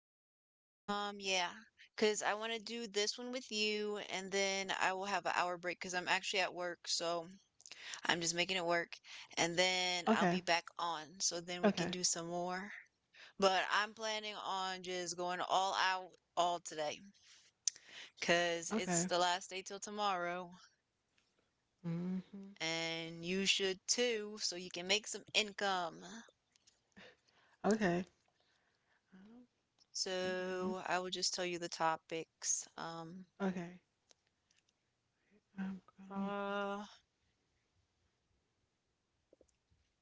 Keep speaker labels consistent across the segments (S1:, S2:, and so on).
S1: Okay.
S2: Yeah, because I want to do this one with you, and then I will have an hour break because I'm actually at work, so I'm just making it work, and
S1: Okay.
S2: then I'll be back on,
S1: Okay.
S2: so then we can do some more. But I'm planning on just going all out all today, because
S1: Okay.
S2: it's the last day till tomorrow,
S1: hmm
S2: and you should too, so you can make some income.
S1: Okay. Um, I'm down.
S2: So I will just tell you the topics.
S1: Okay. I'm gonna
S2: Uh,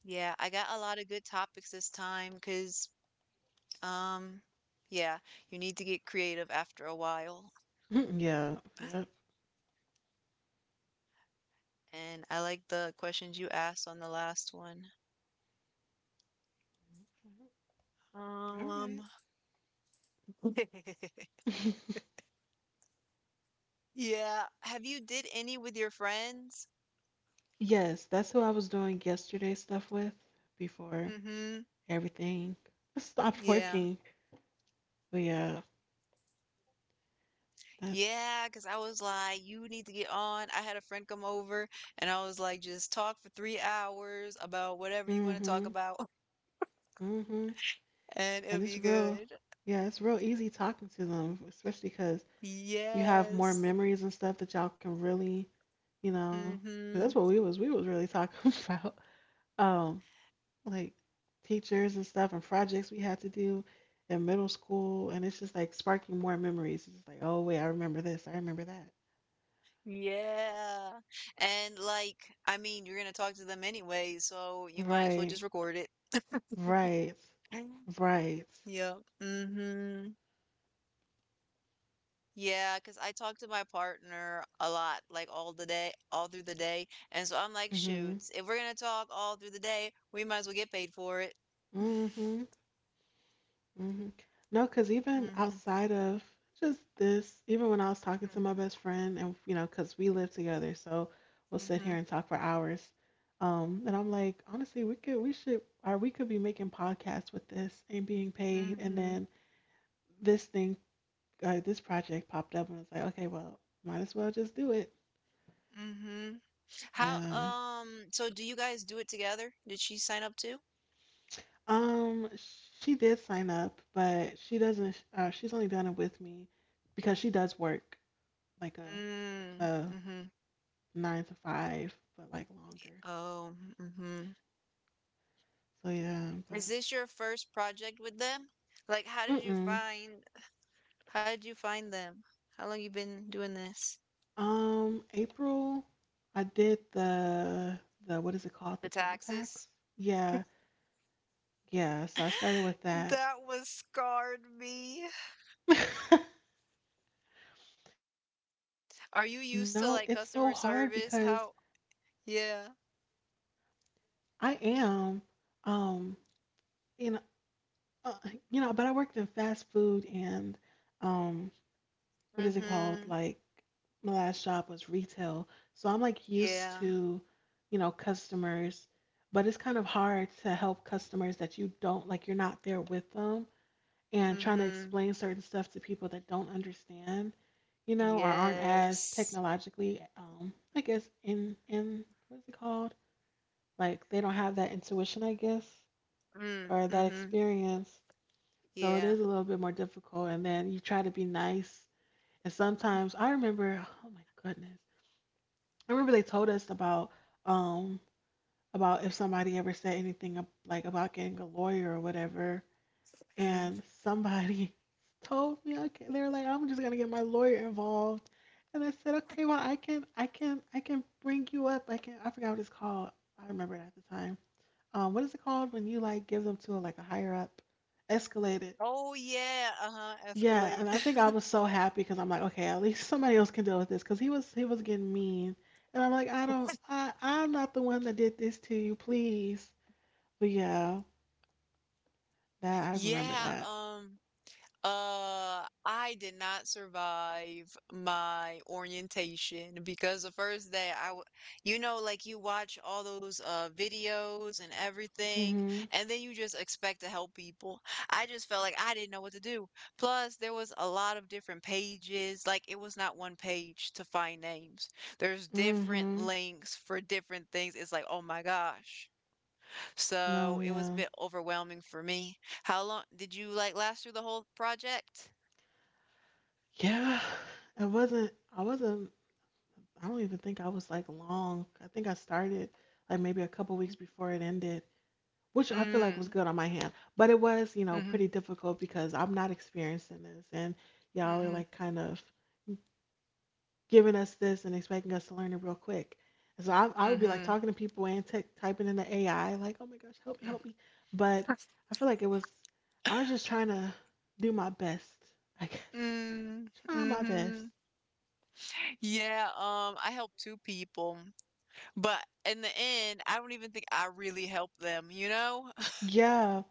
S2: yeah, I got a lot of good topics this time because, um, yeah, you need to get creative after a while.
S1: mute. Yeah. Yep.
S2: And I like the questions you asked on the last one.
S1: All
S2: Um,
S1: right.
S2: yeah, have you did any with your friends?
S1: Yes, that's who I was doing yesterday stuff with before
S2: Mm-hmm.
S1: everything stopped
S2: Yeah.
S1: working. But yeah, that's
S2: Yeah, because I was like, you need to get on. I had a friend come over and I was like, just talk for 3 hours about whatever you want to talk
S1: mm-hmm.
S2: about
S1: Mm-hmm.
S2: and it'll
S1: And it's
S2: be
S1: real
S2: good.
S1: yeah, it's real easy talking to them, especially because you have more
S2: Yes.
S1: memories and stuff that y'all can really you know 'Cause
S2: Mhm.
S1: that's what we was really talking about um like teachers and stuff and projects we had to do in middle school, and it's just like sparking more memories. It's just like, oh wait, I remember this, I remember that.
S2: Yeah. And like, I mean, you're gonna talk to them anyway, so you might as well
S1: Right,
S2: just record it.
S1: right, right.
S2: Yeah. Mm-hmm. Yeah, because I talk to my partner a lot, like all the day, all through the day. And so I'm like,
S1: Mhm.
S2: shoots, if we're gonna talk all through the day, we might as well get paid for it.
S1: Mhm. Hmm. No, because even
S2: Mm-hmm.
S1: outside of just this, even when I was talking to
S2: Mm-hmm.
S1: my best friend, and you know, because we live together, so we'll sit
S2: Mm-hmm.
S1: here and talk for hours. And I'm like, honestly, we could, we should, or we could be making podcasts with this and being paid. And then this thing, this project popped up, and it's like, okay, well, might as well just do it.
S2: Mm-hmm. How,
S1: Yeah.
S2: so do you guys do it together? Did she sign up too?
S1: Um, she did sign up, but she doesn't. She's only done it with me because she does work like a
S2: Mm-hmm.
S1: nine to five, but like longer.
S2: Oh, mhm.
S1: So yeah,
S2: Is this your first project with them? Like,
S1: but mm-mm.
S2: how did you find them? How long you been doing this?
S1: April, I did the what is it called?
S2: The
S1: The TurboTax.
S2: taxes?
S1: Yeah, yeah. So I started with that.
S2: That was scarred me.
S1: No, it's so
S2: Are you
S1: hard
S2: used to
S1: because
S2: like customer service? How? Yeah.
S1: I am, um, in a- uh, you know, but I worked in fast food and, um, what is it called?
S2: Mm-hmm.
S1: Like my last job was retail. So I'm like used
S2: Yeah.
S1: to, you know, customers, but it's kind of hard to help customers that you don't like you're not there with them, and trying to
S2: Mm-hmm.
S1: explain certain stuff to people that don't understand, you know, or aren't as
S2: Yes.
S1: technologically I guess in what is it called? Like they don't have that intuition, I guess,
S2: Mm,
S1: or that
S2: mm-hmm.
S1: experience. So it
S2: Yeah.
S1: is a little bit more difficult, and then you try to be nice, and sometimes I remember, oh my goodness, I remember they told us um about if somebody ever said anything like about getting a lawyer or whatever,
S2: Mm.
S1: and somebody told me, okay, they were like, I'm just gonna get my lawyer involved, and I said, okay, well, I can bring you up. I forgot what it's called. I remember it at the time. What is it called when you like give them to like a higher up? Escalated.
S2: Oh yeah. Uh-huh.
S1: Yeah,
S2: Escalate.
S1: and I think I was so happy because I'm like, okay, at least somebody else can deal with this because he was getting mean, and I'm like, I'm not the one that did this to you, please. But yeah, that I remember
S2: Yeah.
S1: that.
S2: I did not survive my orientation because the first day you know, like you watch all those videos and everything,
S1: Mhm.
S2: and then you just expect to help people. I just felt like I didn't know what to do. Plus, there was a lot of different pages. Like it was not one page to find names. There's different
S1: Mhm.
S2: links for different things. It's like, oh my gosh.
S1: No,
S2: So it was a
S1: yeah,
S2: bit overwhelming for me. How long did you like last through the whole project?
S1: yeah. It wasn't. I wasn't. I don't even think I was like long. I think I started like maybe a couple weeks before it ended, which I feel like was
S2: Mm.
S1: good on my hand. But it was, you know,
S2: Mhm,
S1: pretty difficult because I'm not experiencing this, and y'all are
S2: mhm,
S1: like kind of giving us this and expecting us to learn it real quick. And so I would be like
S2: mhm,
S1: talking to people and typing in the AI, like, oh my gosh, help me,
S2: mm.
S1: help me. But I feel like I was just trying to do my best. I guess,
S2: Mm,
S1: trying my best.
S2: mhm. Yeah, I helped two people, but in the end, I don't even think I really helped them, you know?
S1: Yeah,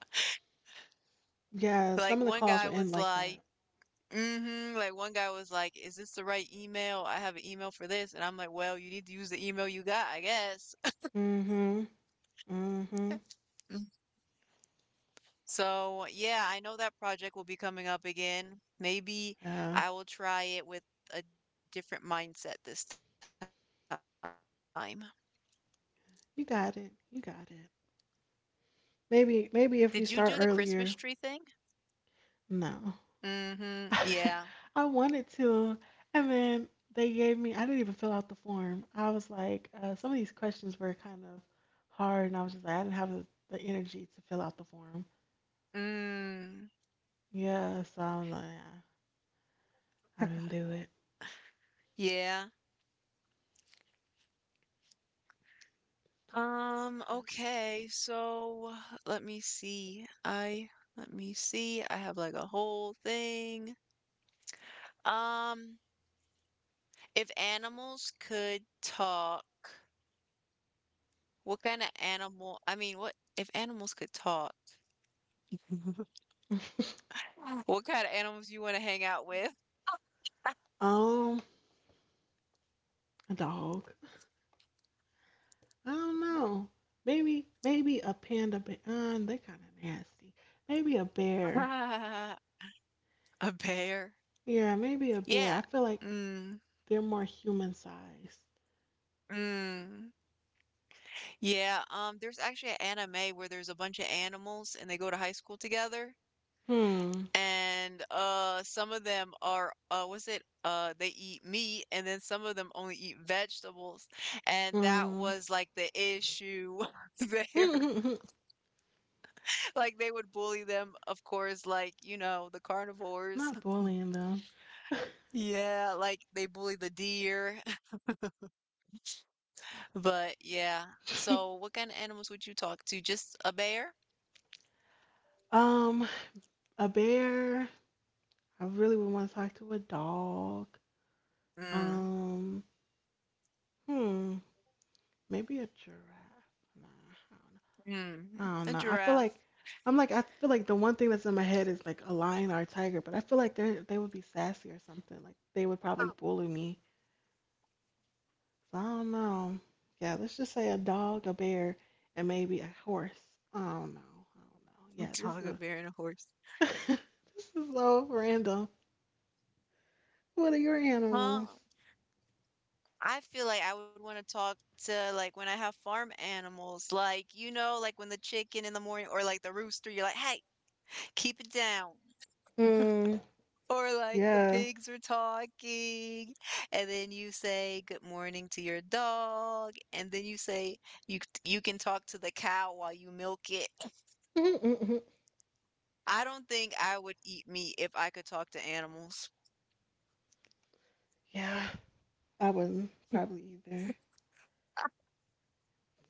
S1: yeah. Some
S2: Like
S1: of the
S2: one
S1: calls
S2: guy
S1: would end
S2: was
S1: like
S2: like,
S1: that.
S2: mm-hmm, like one guy was like, is this the right email? I have an email for this. And I'm like, well, you need to use the email you got, I guess.
S1: Mm-hmm. Mm-hmm.
S2: Mm. So, yeah, I know that project will be coming up again. Maybe
S1: Yeah.
S2: I will try it with a different mindset this time.
S1: You got it. You got it.
S2: Did you do the Christmas
S1: Maybe,
S2: tree
S1: maybe if
S2: thing?
S1: you start earlier.
S2: Mhm.
S1: No.
S2: Yeah.
S1: I wanted to. And then they gave me, I didn't even fill out the form. I was like, some of these questions were kind of hard, and I was just like, I didn't have the energy to fill out the form.
S2: Mm.
S1: Yeah, so I was like, yeah, I didn't do it.
S2: Yeah. Okay. So, let me see. I let me see. I have like a whole thing. Um, if animals could talk, what kind of animal? I mean, what if animals could talk? What kind of animals you want to hang out with?
S1: Um, a dog. I don't know. Maybe, maybe a panda. But they kind of nasty. Maybe a bear.
S2: A bear.
S1: Yeah, maybe a bear. I
S2: Yeah.
S1: feel like
S2: Mm.
S1: they're more human sized.
S2: Mm. Yeah, there's actually an anime where there's a bunch of animals and they go to high school together.
S1: Hmm.
S2: And some of them are was it they eat meat and then some of them only eat vegetables. And that
S1: Hmm.
S2: was like the issue there. Like they would bully them, of course, like, you know, the carnivores.
S1: Not bullying them.
S2: Yeah, like they bully the deer. But yeah. So what kind of animals would you talk to? Just a bear?
S1: Um, a bear. I really would want to talk to a dog.
S2: Mm,
S1: Um, hmm, maybe a giraffe. Nah, I don't know.
S2: mm,
S1: I don't
S2: a
S1: know. I feel
S2: giraffe.
S1: like I feel like the one thing that's in my head is like a lion or a tiger, but I feel like they would be sassy or something. Like they would probably bully me. So I don't know. Yeah, let's just say a dog, a bear, and maybe a horse. I don't know. I don't know.
S2: A
S1: Yeah,
S2: dog, a bear, and a horse.
S1: this is so random. What are your animals?
S2: Huh. I feel like I would want to talk to like when I have farm animals, like you know, like when the chicken in the morning or like the rooster, you're like, hey, keep it down.
S1: Hmm.
S2: Or like the
S1: Yeah.
S2: pigs are talking, and then you say good morning to your dog, and then you say you you can talk to the cow while you milk it.
S1: Mm-mm-mm.
S2: I don't think I would eat meat if I could talk to animals.
S1: Yeah. I wouldn't probably either,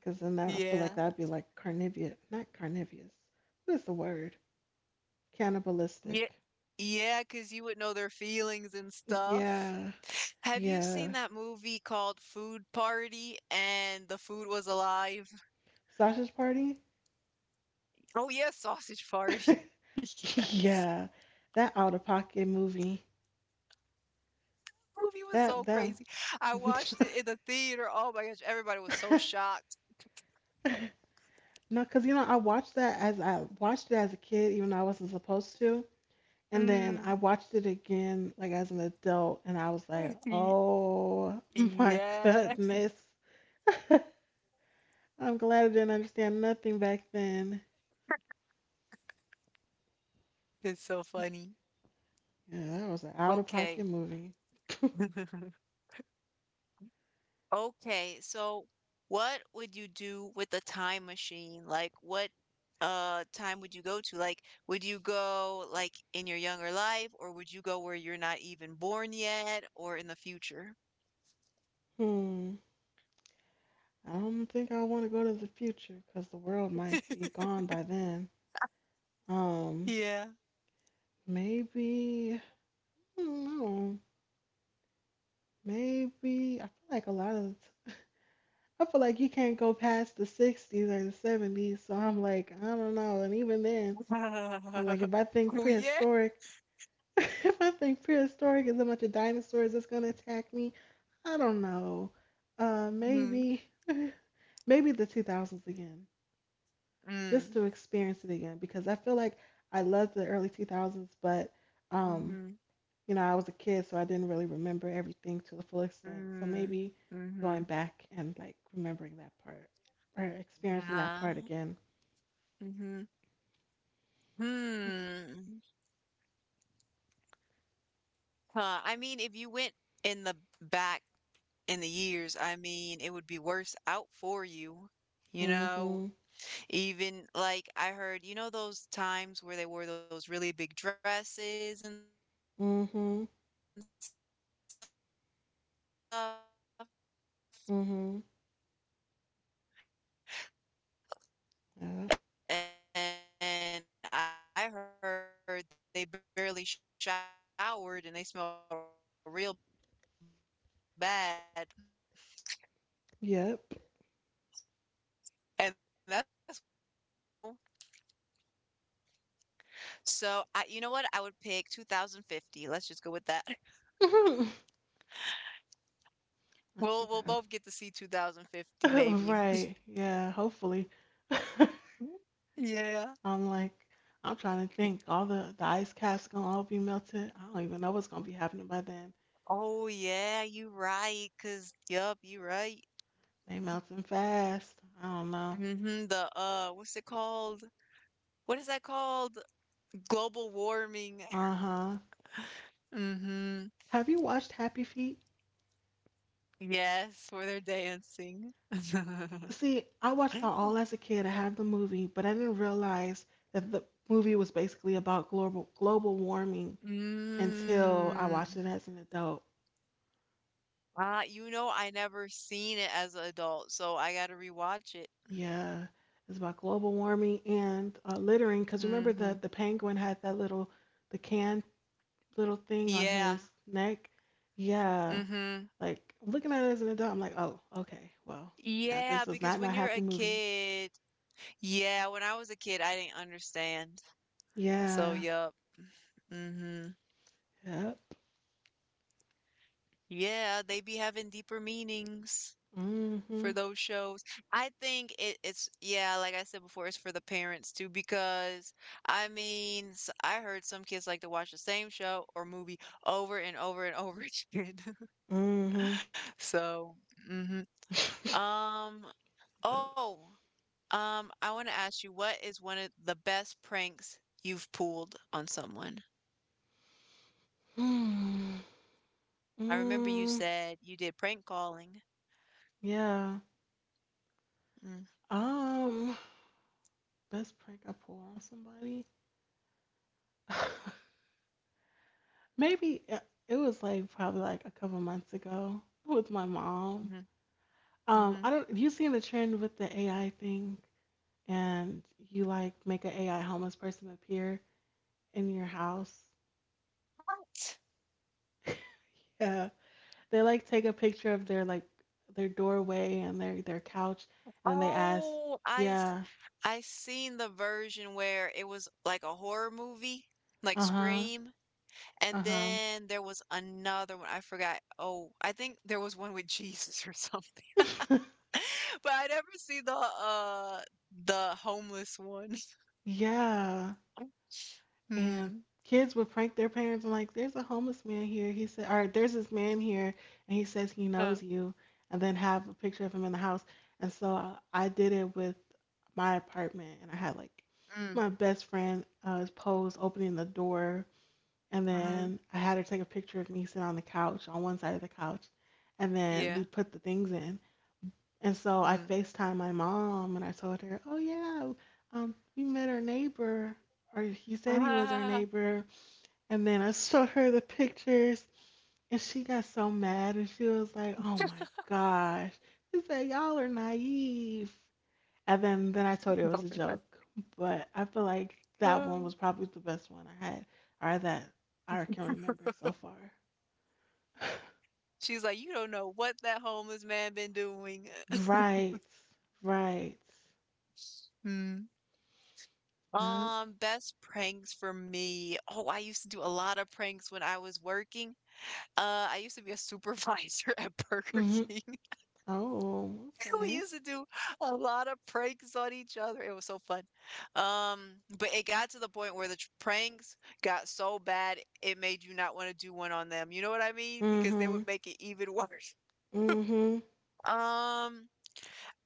S1: because I feel like
S2: Yeah.
S1: that'd be like carnivorous, not carnivorous. What is the word?
S2: Yeah,
S1: Cannibalistic.
S2: yeah, 'cause you would know their feelings and stuff.
S1: Yeah.
S2: Have you seen
S1: Yeah.
S2: that movie called Food Party and the food was alive?
S1: Sausage Party.
S2: Oh, yes, Sausage Party. Yes.
S1: Yeah. That out of pocket movie.
S2: Movie was so
S1: That.
S2: crazy. I watched it in the theater. Oh my gosh, everybody was so shocked.
S1: No, because you know I watched it as a kid, even though I wasn't supposed to. And then I
S2: Mm.
S1: watched it again, like as an adult, and I was like,
S2: Y-
S1: oh my
S2: Yeah,
S1: goodness. I'm glad I didn't understand nothing back then.
S2: it's so funny.
S1: Yeah, that was an out of pocket
S2: Okay.
S1: movie.
S2: Okay, so what would you do with the time machine? Like what time would you go to? Like would you go like in your younger life or would you go where you're not even born yet or in the future?
S1: Hmm. I don't think I want to go to the future because the world might be gone by then. Um,
S2: Yeah.
S1: maybe, I don't know. Maybe, I feel like you can't go past the 60's or the 70s. So I'm like, I don't know. And even then, I'm like, if I think
S2: Oh yeah.
S1: prehistoric, if I think prehistoric is a bunch of dinosaurs that's gonna attack me, I don't know. Uh,
S2: Mm,
S1: maybe, maybe the 2000s again, just
S2: mm,
S1: to experience it again, because I feel like I loved the early 2000s, but um,
S2: mm-hmm,
S1: you know, I was a kid, so I didn't really remember everything to the full extent. So
S2: mm,
S1: maybe
S2: mm-hmm.
S1: going back and like remembering that part or experiencing that
S2: Ah,
S1: part again.
S2: mm-hmm. Hmm. Huh. I mean, if you went in the back in the years, I mean, it would be worse out for you. You know,
S1: Mhm.
S2: even like I heard, you know, those times where they wore those really big dresses and stuff.
S1: Mhm.
S2: And I heard they barely showered and they smelled real bad. And that's
S1: Mhm.
S2: why people would get sick. So I don't want to go then. I think I would go in
S1: Yeah.
S2: the future, but not too far in the future. But it's kinda like you already know what's gonna happen. The car there's gonna be flying cars and probably robots.
S1: Yep.
S2: Maybe you can have, like, robot maids, really, you know? So, I you know what? I would pick 2050. Let's just go with that. We'll both get to see
S1: Not 2000.
S2: 2050 maybe.
S1: Right. Yeah, hopefully.
S2: Yeah.
S1: I'm like, I'm trying to think. The ice caps gonna all be melted. I don't even know what's gonna be happening by then.
S2: Oh, yeah, you right. Cause yup, you right.
S1: They melting fast. I don't know.
S2: Mhm, the, what's it called? What is that called? Global warming.
S1: Uh-huh.
S2: Mhm.
S1: Have you watched Happy Feet?
S2: Yes, where they're dancing.
S1: See, I watched that all as a kid. I have the movie, but I didn't realize that the movie was basically about global warming until I watched
S2: Mm.
S1: it as an adult.
S2: You know, I never seen it as an adult, so I gotta rewatch it.
S1: Yeah, it's about global warming and littering. Because
S2: Mm-hmm.
S1: remember that the penguin had that little the can little thing on
S2: Yeah.
S1: his neck. Yeah,
S2: Mm-hmm.
S1: like looking at it as an adult, I'm like, oh, okay, well, yeah,
S2: Yeah,
S1: this is
S2: because when
S1: not
S2: you're
S1: happy
S2: a
S1: movie.
S2: kid, yeah, when I was a kid, I didn't understand. So,
S1: Yeah,
S2: yup. Mm-hmm.
S1: yep.
S2: Yeah, they be having deeper meanings. For
S1: Mhm.
S2: those shows, I think it's yeah, like I said before, it's for the parents too because I mean, s I heard some kids like to watch the same show or movie over and over and over again.
S1: Mhm.
S2: So, mhm. Um,
S1: Yep.
S2: oh, I want to ask you, what is one of the best pranks you've pulled on someone?
S1: Hmm.
S2: I remember you
S1: Mm,
S2: said you did prank calling.
S1: yeah.
S2: Mm,
S1: Um, best prank I pull on somebody. Maybe it was like probably like a couple months ago with my mom.
S2: mhm,
S1: I don't. You seen the trend with the AI thing, and you like make an AI homeless person appear in your house.
S2: mhm.
S1: Yeah, they like take a picture of their doorway and their couch, and then they ask,
S2: Oh,
S1: "Yeah,
S2: I seen the version where it was like a horror movie, like
S1: uh
S2: Scream,
S1: huh,
S2: and
S1: uh
S2: then there was another one. I forgot. Oh, I think there was one with Jesus or something.
S1: huh."
S2: But I never see the homeless one.
S1: Yeah, and
S2: Hmm.
S1: kids would prank their parents and like, there's a homeless man here. He said, or there's this man here, and he says he knows
S2: Uh,
S1: you, and then have a picture of him in the house. And so I did it with my apartment, and I had like my
S2: mm,
S1: best friend pose opening the door, and then
S2: hmm
S1: I had her take a picture of me sitting on the couch on one side of the couch, and then we
S2: Yeah.
S1: put the things in. And so I
S2: Mm.
S1: FaceTimed my mom, and I told her, oh yeah, we met our neighbor, or he said he was our
S2: Ah.
S1: neighbor, and then I showed her the pictures, and she got so mad, and she was like, "Oh my gosh!" She said, "Y'all are naive." And then I told her it was
S2: Don't
S1: a
S2: be like,
S1: joke, but I feel like that one
S2: ah.
S1: was probably the best one I had, or that I can remember so far.
S2: She's like, you don't know what that homeless man been doing.
S1: Right, right.
S2: Hmm.
S1: Yep.
S2: Best pranks for me. Oh, I used to do a lot of pranks when I was working. I used to be a supervisor at Burger
S1: Mhm.
S2: King.
S1: Oh,
S2: We
S1: okay.
S2: used to do a lot of pranks on each other. It was so fun. But it got to the point where pranks got so bad it made you not want to do one on them. You know what I mean? Because they would
S1: Mhm.
S2: make it even worse.
S1: Mhm.
S2: Um,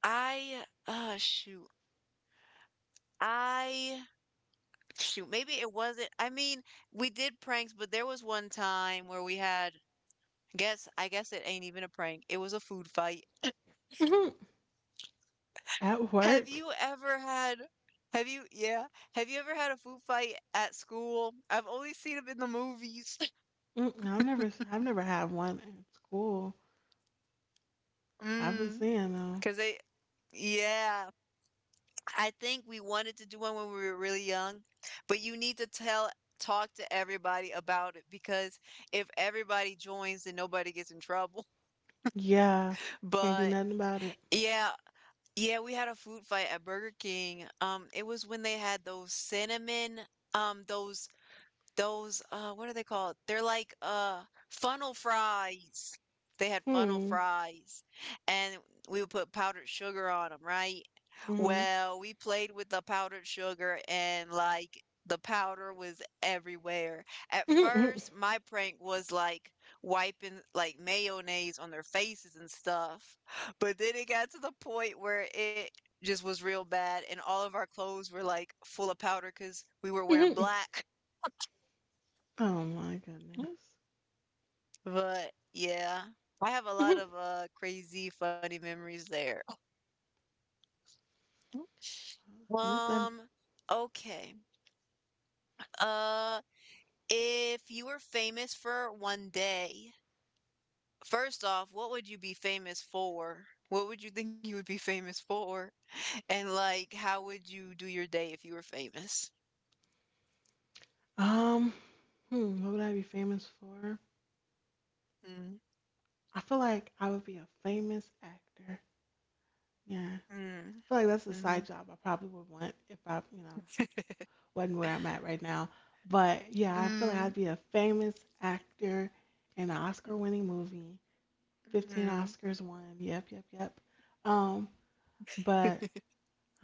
S2: I shoot. I Shoot, maybe it wasn't. I mean, we did pranks, but there was one time where we had, I guess it ain't even a prank. It was a food fight.
S1: Mhm. At
S2: Have
S1: work.
S2: you ever had, have you, yeah, have you ever had a food fight at school? I've only seen them in the movies.
S1: Mm, I've never had one at school. I've been
S2: Mm,
S1: seeing them.
S2: because they, yeah, I think we wanted to do one when we were really young, but you need to talk to everybody about it because if everybody joins, then nobody gets in trouble.
S1: Yeah. Can't do
S2: But
S1: nothing about it.
S2: yeah, yeah, we had a food fight at Burger King. It was when they had those cinnamon, um, those those what are they called? They're like funnel fries. They had funnel
S1: Hmm.
S2: fries, and we would put powdered sugar on them, right?
S1: Mm-hmm.
S2: Well, we played with the powdered sugar and like the powder was everywhere. At
S1: Mhm.
S2: first, my prank was like wiping like mayonnaise on their faces and stuff. But then it got to the point where it just was real bad and all of our clothes were like full of powder because we were wearing
S1: Mhm.
S2: black.
S1: Oh my
S2: Mm.
S1: goodness.
S2: But yeah, I have a lot
S1: Mhm.
S2: of crazy funny memories there.
S1: At least I'm.
S2: Um, okay. Uh If you were famous for one day, first off, what would you be famous for? What would you think you would be famous for? And like, how would you do your day if you were famous?
S1: Um. Hmm. What would I be famous for?
S2: Mm,
S1: I feel like I would be a famous actor. Yeah.
S2: mm,
S1: I feel like that's a side
S2: mhm,
S1: job I probably would want if I, you know, wasn't where I'm at right now. But yeah, I feel like
S2: mm,
S1: I'd be a famous actor in an Oscar-winning movie. 15
S2: mm,
S1: Oscars won. Yep, yep, yep. Um, but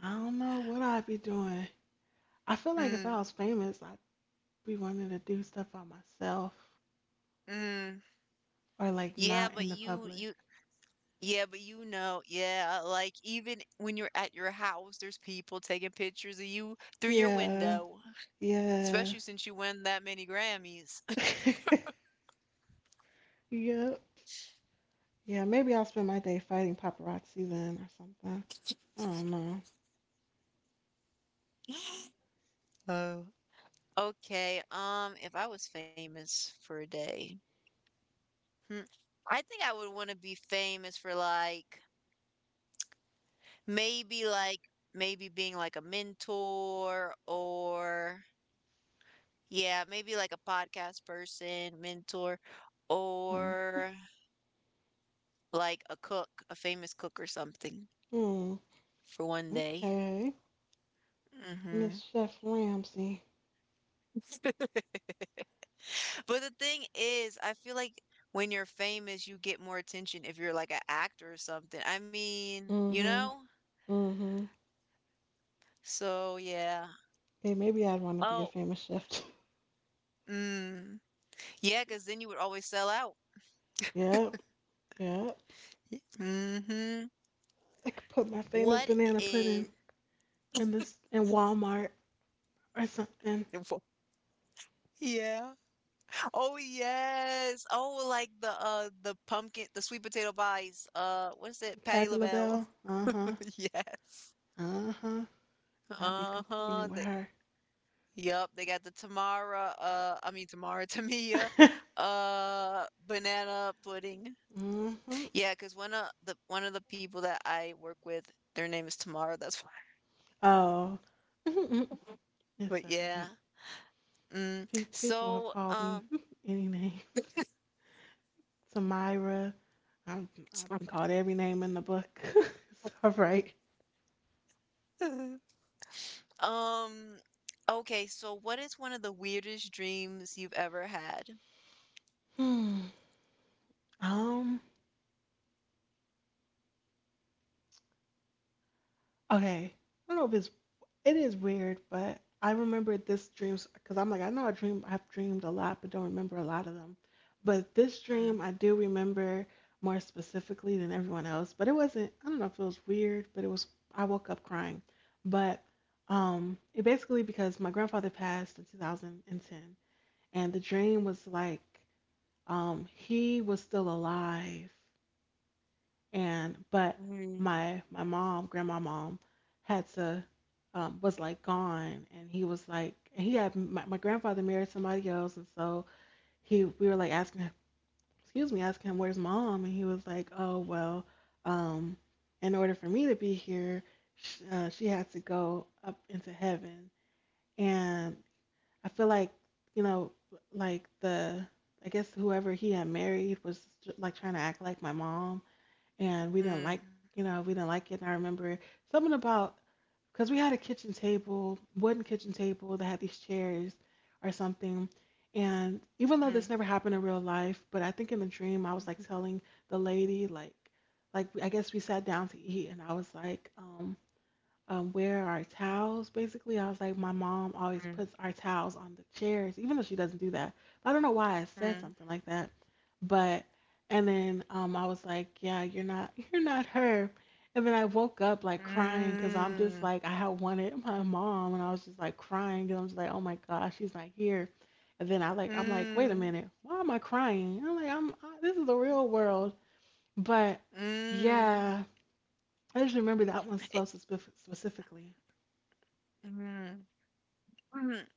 S1: I don't know what I'd be doing. I feel like if I
S2: mm,
S1: was famous, I'd be wanting to do stuff by myself
S2: mm.
S1: or like
S2: Yeah,
S1: not in
S2: but
S1: the public.
S2: yeah, but yeah, like even when you're at your house, there's people taking pictures of you through your
S1: Yeah,
S2: window,
S1: yeah,
S2: especially since you win that many Grammys.
S1: yep, yeah. Maybe I'll spend my day fighting paparazzi then or something. I don't know.
S2: Oh. Okay, if I was famous for a day, hmm, I think I would want to be famous for like maybe being like a mentor or yeah, maybe like a podcast person, mentor,
S1: Um,
S2: or like a cook, a famous cook or something
S1: hmm.
S2: for one day.
S1: Okay,
S2: Mm-hmm.
S1: Miss Chef Ramsey.
S2: But the thing is, I feel like when you're famous, you get more attention if you're like an actor or something. I mean,
S1: Mm-hmm. Mm-hmm.
S2: So yeah.
S1: Hey, maybe I'd want to be a
S2: Oh,
S1: famous chef, too.
S2: mm. Yeah, because then you would always sell out.
S1: Yep. Yep.
S2: Mm-hmm.
S1: I could put my famous
S2: What
S1: banana pudding
S2: is
S1: in Walmart or something.
S2: Yeah. Oh yes. Oh, like the pumpkin, the sweet potato pies. What is it? Patty
S1: Patty
S2: LaBelle.
S1: LaBelle. Uh huh.
S2: Yes.
S1: Uh huh. I'll be
S2: Uh-huh.
S1: competing with her.
S2: Yep, they got the Tamara, I mean Tamara, Tamia, banana pudding.
S1: Mm-hmm.
S2: Yeah, cause one of the people that I work with, their name is Tamara, that's why.
S1: Oh, it's
S2: But
S1: all right.
S2: yeah. Mm.
S1: People have
S2: So,
S1: called me any name. Samira. I'm, I've been called every name in the book. It's all right.
S2: um, okay, so what is one of the weirdest dreams you've ever had?
S1: Hmm. Um. Okay. I don't know. If it's It is weird, but I remember this dreams because I'm like, I know I dream, I've dreamed a lot, but don't remember a lot of them. But this
S2: Mm,
S1: dream, I do remember more specifically than everyone else. But it wasn't, I don't know if it was weird, but it was, I woke up crying. But it basically because my grandfather passed in 2010, and the dream was like, he was still alive, and but
S2: mm,
S1: my mom had to, was like gone, and he was like, and he had my, grandfather married somebody else, and so he we were like asking him, excuse me, asking him, where's mom? And he was like, oh, well, um in order for me to be here, she had to go up into heaven. And I feel like, you know like the I guess whoever he had married was like trying to act like my mom, and
S2: mm,
S1: we didn't like it. And I remember something about, because we had a kitchen table wooden kitchen table that had these chairs or something. And even though
S2: mm,
S1: this never happened in real life, but I think in the dream I was like telling the lady, like, I guess we sat down to eat, and I was like, where our towels? Basically, I was like, my mom always
S2: mm,
S1: puts our towels on the chairs, even though she doesn't do that. I don't know why I said
S2: mm,
S1: something like that, but and then, I was like, yeah, you're not, you're not her. And then I woke up like crying, because I'm just like, I had wanted my mom, and I was just like crying, and I'm just like, oh my gosh, she's not here. And then
S2: mm,
S1: I'm like, wait a
S2: mm,
S1: minute, why am I crying? I'm like, this is the real world. But
S2: mm.
S1: yeah, I just remember that one so specifically.
S2: Mm. Mhm.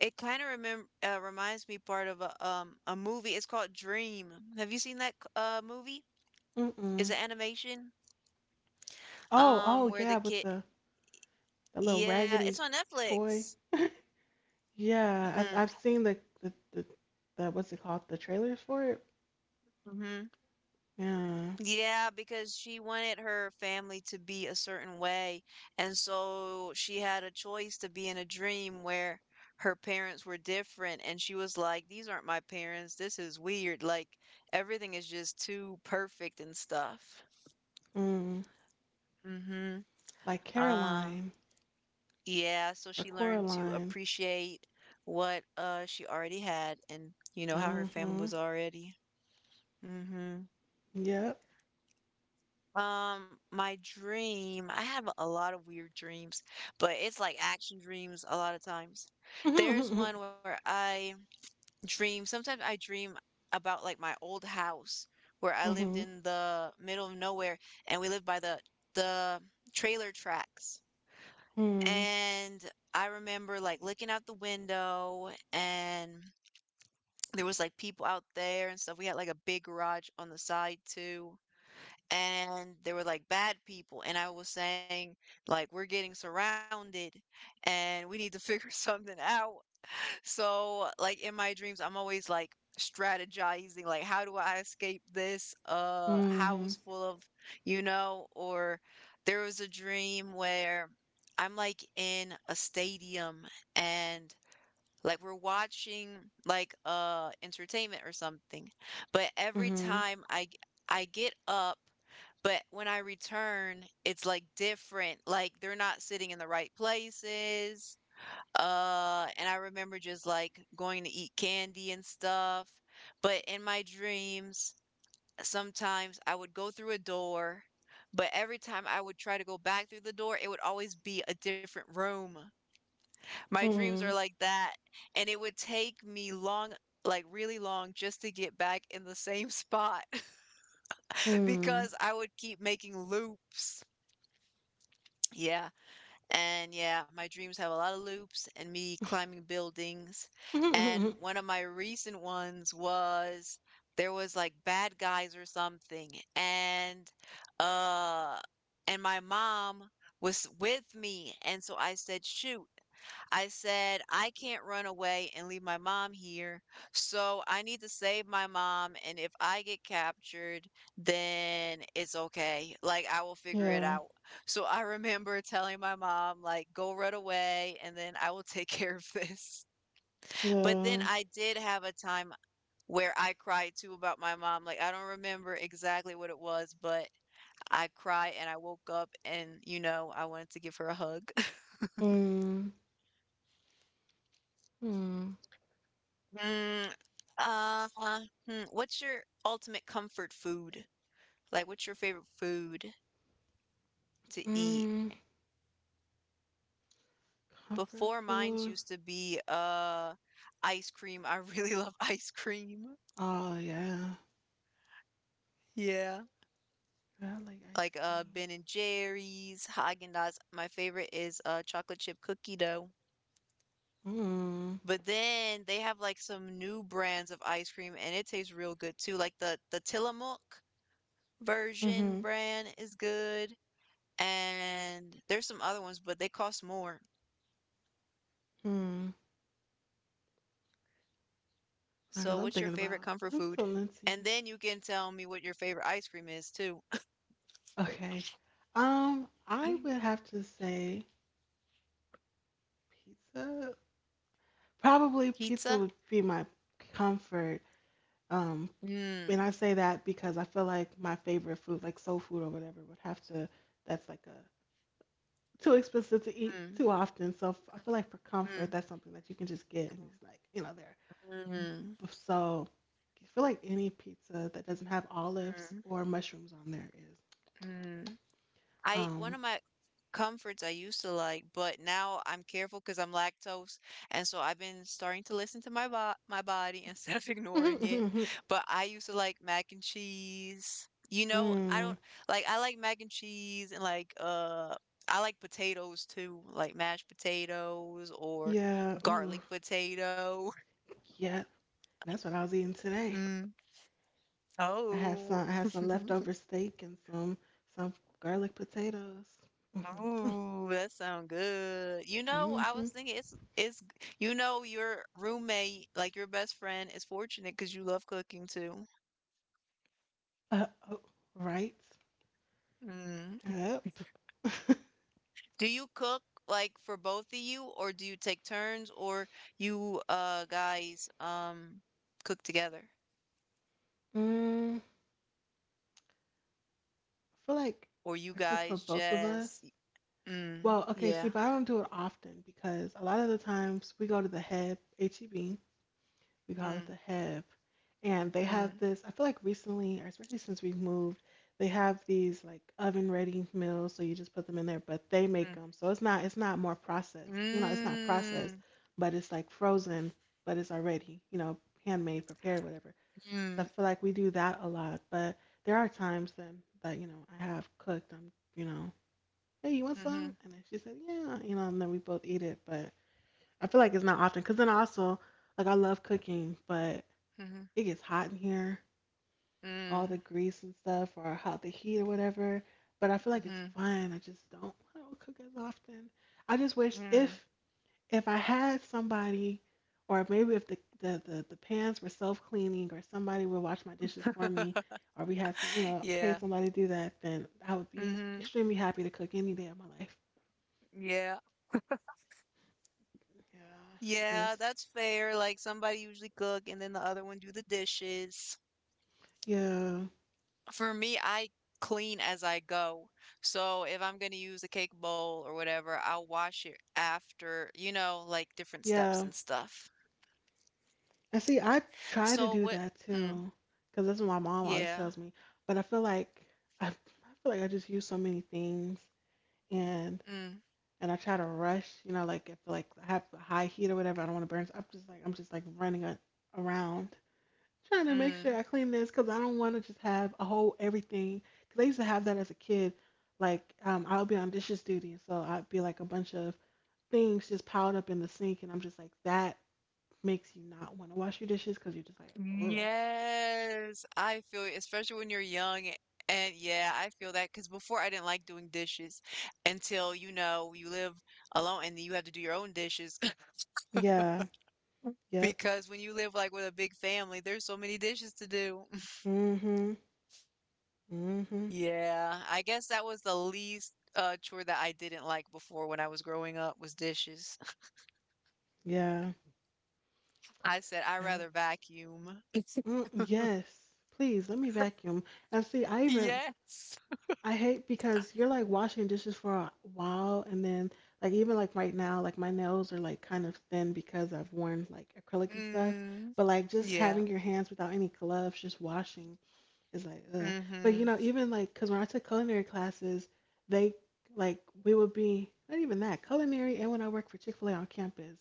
S2: It kind of remem reminds me part of a a movie. It's called Dream. Have you seen that movie? It's
S1: Mm-mm.
S2: an animation
S1: Oh, oh
S2: where the
S1: yeah, with
S2: kid,
S1: the that little
S2: yeah,
S1: raggedy
S2: it's on
S1: toy.
S2: Netflix.
S1: Yeah, I've
S2: Mm-hmm.
S1: I've seen the, what's it called? The trailers for it.
S2: Mm-hmm.
S1: Yeah.
S2: Yeah, because she wanted her family to be a certain way, and so she had a choice to be in a dream where her parents were different, and she was like, "These aren't my parents. This is weird. Like everything is just too perfect and stuff."
S1: Mm.
S2: Mm-hmm.
S1: Like
S2: Uh,
S1: Caroline,
S2: yeah, so
S1: or
S2: she learned to
S1: Coraline.
S2: appreciate what she already had and you know how her family
S1: Mm-hmm.
S2: was already. Hmm
S1: Yep.
S2: My dream, I have a lot of weird dreams, but it's like action dreams a lot of times. There's one where I dream, sometimes I dream about like my old house where I lived
S1: Mm-hmm.
S2: in the middle of nowhere and we lived by the trailer tracks.
S1: Mm.
S2: And I remember like looking out the window and there was like people out there and stuff. We had like a big garage on the side too. And there were like bad people. And I was saying, like, we're getting surrounded and we need to figure something out. So, like in my dreams, I'm always like strategizing, like how do I escape this house full of, you know, or there was a dream where I'm like in a stadium and like we're watching like entertainment or something. But every
S1: Mm-hmm.
S2: time I I get up but when I return, it's like different. Like they're not sitting in the right places, and I remember just like going to eat candy and stuff. But in my dreams, sometimes I would go through a door, but every time I would try to go back through the door, it would always be a different room. My dreams are
S1: Hmm.
S2: like that, and it would take me long, like really long, just to get back in the same spot
S1: Mm-hmm.
S2: because I would keep making loops. Yeah. And yeah, my dreams have a lot of loops and me climbing buildings.
S1: Mm.
S2: And
S1: Hmm. Mm. Hmm.
S2: one of my recent ones was there was like bad guys or something. Uh and my mom was with me. And so I said, "Shoot, I said, I can't run away and leave my mom here. So I need to save my mom. And if I get captured, then it's okay. Like, I will figure it
S1: Yeah.
S2: out. So I remember telling my mom, like, go run away and then I will take care of this." But then
S1: Yeah.
S2: I did have a time where I cried too about my mom. Like, I don't remember exactly what it was, but I cried and I woke up and, you know, I wanted to give her a hug.
S1: Mm. Mm.
S2: Mm, uh, what's your ultimate comfort food? Like, what's your favorite food to eat?
S1: Mm. Comfort
S2: Before mine's
S1: food.
S2: used to be ice cream. I really love ice cream.
S1: Oh yeah.
S2: Yeah.
S1: I like ice
S2: Like Ben and Jerry's, Häagen-Dazs. My favorite is chocolate chip cookie dough.
S1: cream. Mm.
S2: But then they have like some new brands of ice cream and it tastes real good too. Like the Tillamook version
S1: Mm-hmm.
S2: brand is good. And there's some other ones, but they cost more.
S1: Hmm. Now,
S2: So
S1: cause I'm
S2: what's your
S1: thinking
S2: favorite
S1: about.
S2: comfort
S1: I'm
S2: food?
S1: so
S2: And
S1: Lindsay.
S2: then you can tell me what your favorite ice cream is too.
S1: Okay. I would have to say pizza. Probably pizza
S2: Pizza?
S1: would be my comfort. Um,
S2: Mm,
S1: and I say that because I feel like my favorite food, like soul food or whatever, would have to. That's like a too expensive to eat
S2: mm,
S1: too often. So I feel like for
S2: mm,
S1: comfort, that's something that you can just get, and it's like, there.
S2: mm,
S1: So I feel like any pizza that doesn't have olives
S2: mm,
S1: or mushrooms on there is.
S2: mm. I, one
S1: Um,
S2: of my comforts I used to like, but now I'm careful because I'm lactose, and so I've been starting to listen to my body instead of ignoring it. But I used to like mac and cheese. You know, I
S1: mm,
S2: don't like, I like mac and cheese and like I like potatoes too, like mashed potatoes or
S1: yeah, ooh,
S2: garlic potato.
S1: yeah. That's what I was eating today.
S2: Mm. Oh.
S1: I had some leftover steak and some garlic potatoes.
S2: Ooh, that sound good. You know,
S1: Mm-hmm.
S2: I
S1: Hmm.
S2: was thinking it's you know your roommate, like your best friend, is fortunate because you love cooking too.
S1: Oh, right.
S2: Mm.
S1: Yep.
S2: Do you cook like for both of you, or do you take turns, or you guys cook together,
S1: Mm, I feel like
S2: or you
S1: I cook for
S2: guys
S1: both of
S2: just
S1: us.
S2: mm,
S1: Well, okay, see,
S2: yeah
S1: but I don't do it often, because a lot of the times we go to the Heb HEB, we call it
S2: mm,
S1: the hip. And they have
S2: mm,
S1: this, I feel like recently, or especially since we've moved, they have these like oven ready meals, so you just put them in there, but they make them. So it's not more processed. You know, it's not processed,
S2: mm,
S1: but it's like frozen, but it's already, handmade, prepared, whatever.
S2: mm,
S1: So I
S2: mm,
S1: feel like we do that a lot, but there are times then that, I have cooked. Hey, you want
S2: mm-hmm,
S1: some? And then she said, yeah, and then we both eat it. But I feel like it's not often, because then also, like, I love cooking, but
S2: mm-hmm,
S1: it gets hot in here, all the
S2: mm,
S1: grease and stuff, or how the heat or whatever. But I feel like
S2: mm
S1: it's
S2: mm
S1: fun. I don't cook as often. I just wish,
S2: mm mm.
S1: if I had somebody, or maybe if the pans were self cleaning, or somebody would wash my dishes for me, or we had some, pay
S2: Yeah.
S1: somebody to do that, then I would be
S2: Mm-hmm.
S1: extremely happy to cook any day of my life.
S2: Yeah.
S1: Yeah, I
S2: Yeah,
S1: just,
S2: that's fair. Like somebody usually cook and then the other one do the dishes.
S1: yeah.
S2: For me, I clean as I go. So if I'm going to use a cake bowl or whatever, I'll wash it after, you know, like different steps
S1: Yeah.
S2: and stuff.
S1: And see, I
S2: So
S1: try
S2: what?
S1: to do that
S2: Mm,
S1: too, because that's what my mom
S2: yeah.
S1: always tells me. But I feel like I, I I just use so many things, and
S2: Mm,
S1: I try to rush. You know, like if, like, I have a high heat or whatever, I don't want to burn. So I'm just like running around, trying to make sure
S2: mm.
S1: I clean this, because I don't want to just have a whole everything. Because I used to have that as a kid. Like, I'll be on dishes duty, and so I'd be like a bunch of things just piled up in the sink, and I'm just like, that makes you not want to wash your dishes, because you're just like, ugh.
S2: Yes, I feel you, especially when you're young. And yeah, I feel that because before I didn't like doing dishes until, you know, you live alone and you have to do your own dishes.
S1: Yeah. Yep.
S2: Because when you live like with a big family, there's so many dishes to do.
S1: Mm-hmm. Mm-hmm.
S2: Yeah, I guess that was the least chore that I didn't like before when I was growing up was dishes.
S1: Yeah.
S2: I said I
S1: Yeah.
S2: rather vacuum.
S1: Mm, yes. Please let me vacuum. And see,
S2: Yes.
S1: I hate, because you're like washing dishes for a while, and then, like, even like right now, like my nails are like kind of thin, because I've worn like acrylic and stuff.
S2: Mm,
S1: But like, just having
S2: yeah.
S1: your hands without any gloves, just washing is like, ugh. But you
S2: Mm-hmm.
S1: know, even like, because when I took culinary classes, they like we would be not even that culinary, and when I worked for Chick Fil A on campus,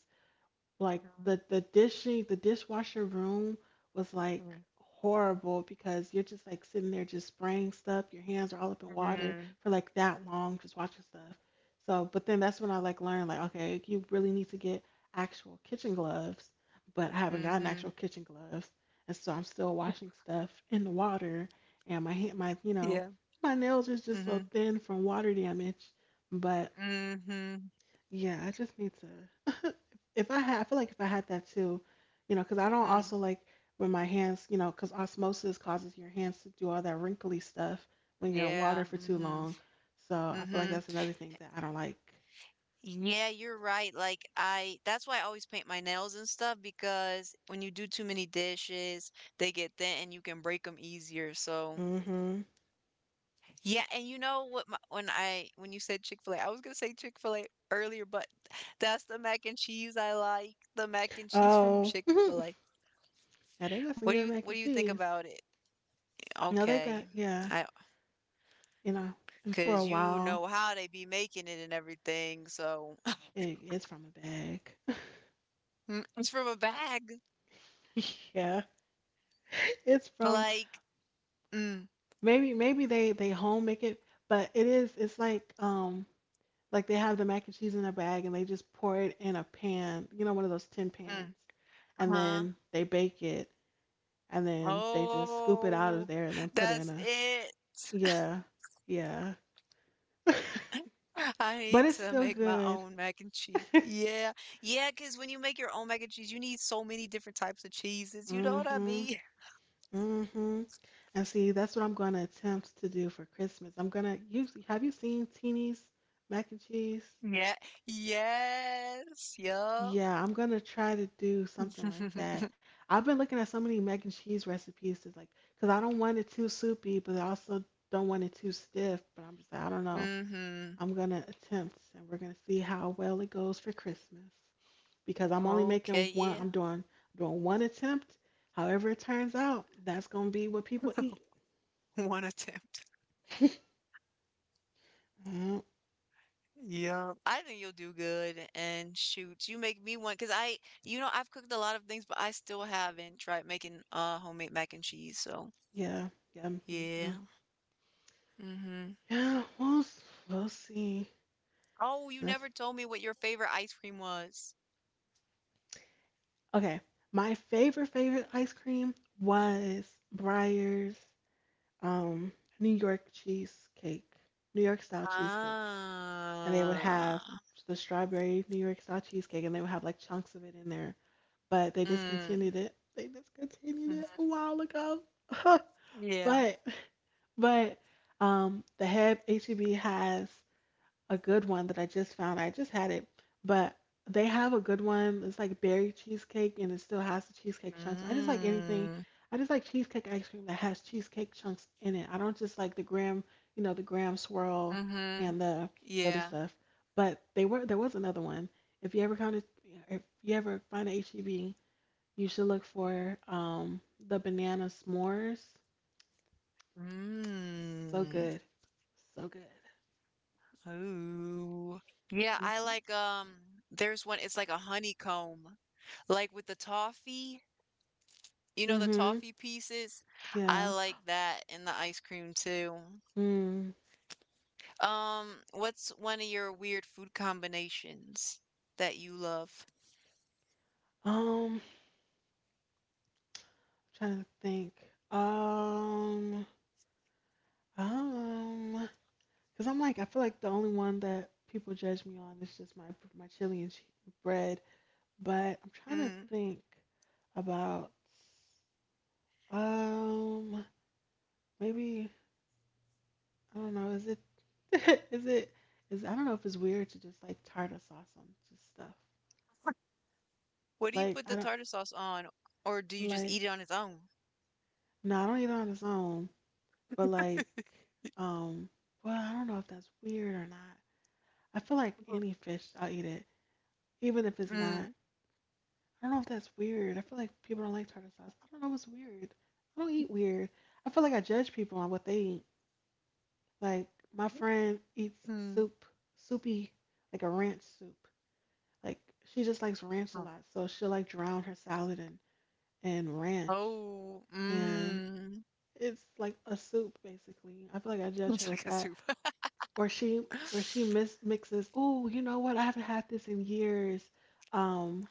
S1: like
S2: Mm-hmm.
S1: the dishwasher room was like horrible, because you're just like sitting there, just spraying stuff, your hands are all up in water
S2: Mhm,
S1: for like that long, just watching stuff. So but then, that's when I like learned, like, okay, you really need to get actual kitchen gloves, but I haven't gotten actual
S2: mhm,
S1: kitchen gloves. And so I'm still washing stuff in the water, and my hand my you
S2: yeah,
S1: know my nails is just so
S2: mhm,
S1: thin from water damage. But
S2: mhm,
S1: yeah, I just need to, if I had, I feel like if I had that too, you know, because I don't
S2: mm,
S1: also like when my hands, because osmosis causes your hands to do all that wrinkly stuff when you're in water
S2: yeah,
S1: for too
S2: mhm,
S1: long. So I feel like
S2: mhm.
S1: that's another thing that I don't like.
S2: Yeah, you're right. Like I, that's why I always paint my nails and stuff because when you do too many dishes, they get thin and you can break them easier. So
S1: Hmm.
S2: yeah, and you know what? My, when I, when you said Chick-fil-A, I was gonna say Chick-fil-A earlier, but that's the mac and cheese I like. The mac and cheese from
S1: Oh.
S2: Chick-fil-A.
S1: Yeah, they
S2: What do
S1: got
S2: you,
S1: some
S2: what
S1: good
S2: do you
S1: mac and
S2: think about
S1: cheese.
S2: it?
S1: No, they
S2: Okay.
S1: got, yeah,
S2: I,
S1: you know, and for
S2: 'cause
S1: a
S2: you know
S1: while,
S2: how they be making it and everything, so
S1: it's from a bag.
S2: Mm, it's from a bag.
S1: Yeah, it's from,
S2: Like, mm,
S1: maybe they home make it, but it's like, like they have the mac and cheese in a bag, and they just pour it in a pan, one of those tin
S2: mm,
S1: pans, and
S2: uh-huh.
S1: then they bake it, and then they just scoop it out of
S2: Oh,
S1: there and then put it in
S2: that's
S1: a,
S2: it.
S1: yeah, yeah.
S2: I need to
S1: But it's
S2: make my
S1: still
S2: own
S1: good.
S2: mac and cheese. Yeah. Yeah, cause when you make your own mac and cheese, you need so many different types of cheeses, you know what I
S1: Mhm.
S2: mean?
S1: Mhm. And see, that's what I'm going to attempt to do for Christmas. I'm going to Usually, have you seen Teeny's mac and cheese?
S2: Yeah. Yes. Yup.
S1: Yeah, I'm gonna try to do something like that. I've been looking at so many mac and cheese recipes to, like, cause I don't want it too soupy, but I also don't want it too stiff. But I'm just like, I don't know.
S2: Mhm.
S1: I'm gonna attempt, and we're gonna see how well it goes for Christmas. Because I'm only
S2: Okay,
S1: making one.
S2: yeah.
S1: I'm doing one attempt. However it turns out, that's gonna be what people eat.
S2: One attempt.
S1: Mm,
S2: Yeah, I think you'll do good. And shoot, you make me want because I, you know, I've cooked a lot of things, but I still haven't tried making homemade mac and cheese. So
S1: yeah, yeah, me
S2: yeah.
S1: too.
S2: Mm-hmm.
S1: Yeah, we'll see.
S2: Oh, you
S1: That's
S2: never told me what your favorite ice cream was.
S1: Okay. My favorite favorite ice cream was Breyer's um New York cheesecake, New York style cheesecake. And they would
S2: Ah.
S1: have the strawberry New York style cheesecake, and they would have like chunks of it in there. But they
S2: Mm.
S1: discontinued it. They discontinued it
S2: Mm-hmm.
S1: a while ago.
S2: Yeah.
S1: but but the Heb HEB has a good one that I just found. I just had it, but they have a good one. It's like berry cheesecake and it still has the cheesecake chunks. I just like anything.
S2: Mm.
S1: I just like cheesecake ice cream that has cheesecake chunks in it. I don't just like the graham, the graham swirl
S2: Mm-hmm.
S1: and the other
S2: Yeah.
S1: stuff. But they were there was another one. If you ever kind of If you ever find a HEB, you should look for the banana s'mores. So
S2: Mm.
S1: good. So good.
S2: Ooh. Yeah, I
S1: Mhm.
S2: like there's one, it's like a honeycomb, like with the toffee, you know, the
S1: Mhm.
S2: toffee pieces? I
S1: Yeah.
S2: like that in the ice cream too.
S1: Mm.
S2: Um, what's one of your weird food combinations that you love?
S1: Um, Trying to think. Um, um, because I'm like, I feel like the only one that people judge me on is just my chili and bread. But I'm trying to
S2: Mm.
S1: think about. Um, Maybe I don't know. Is it? Is it? Is I don't know if it's weird to just like tartar sauce on just stuff.
S2: What do you
S1: Like
S2: put the
S1: I don't
S2: tartar sauce on, or do you just
S1: like.
S2: eat it on its own?
S1: No, I don't eat it on its own. But like, um, well, I don't know if that's weird or not. I feel like any fish, I'll eat it, even if it's not.
S2: Mm.
S1: I don't know if that's weird. I feel like people don't like tartar sauce. I don't know what's weird. I don't eat weird. I feel like I judge people on what they eat. Like my friend eats
S2: Mm.
S1: soup, soupy, like a ranch soup. Like she just likes ranch a
S2: Oh,
S1: lot, so she'll like drown her salad in ranch,
S2: oh,
S1: and
S2: mm.
S1: it's like a soup basically. I feel like I judge her
S2: It's
S1: with
S2: like a
S1: that,
S2: soup.
S1: or she or she mixes. Oh, you know what? I haven't had this in years. Um,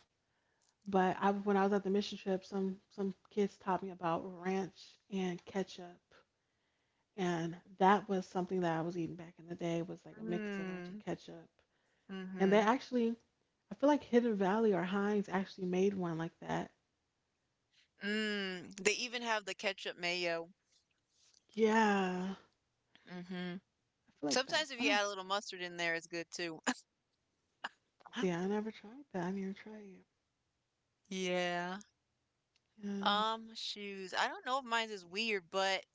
S1: But when I was at the mission trip, some kids taught me about ranch and ketchup, and that was something that I was eating back in the day was like a mix of ranch and
S2: Mm.
S1: ketchup. And they
S2: Mm-hmm.
S1: actually, I feel like Hidden Valley or Heinz actually made one like that.
S2: Mm. They even have the ketchup mayo.
S1: Yeah, I
S2: Mm-hmm.
S1: feel like that.
S2: Sometimes if
S1: I
S2: you
S1: don't
S2: add a little mustard in there, it's good too.
S1: see. I never tried that. I need to try
S2: Yeah.
S1: it.
S2: Shoes. I don't know if mine's is weird, but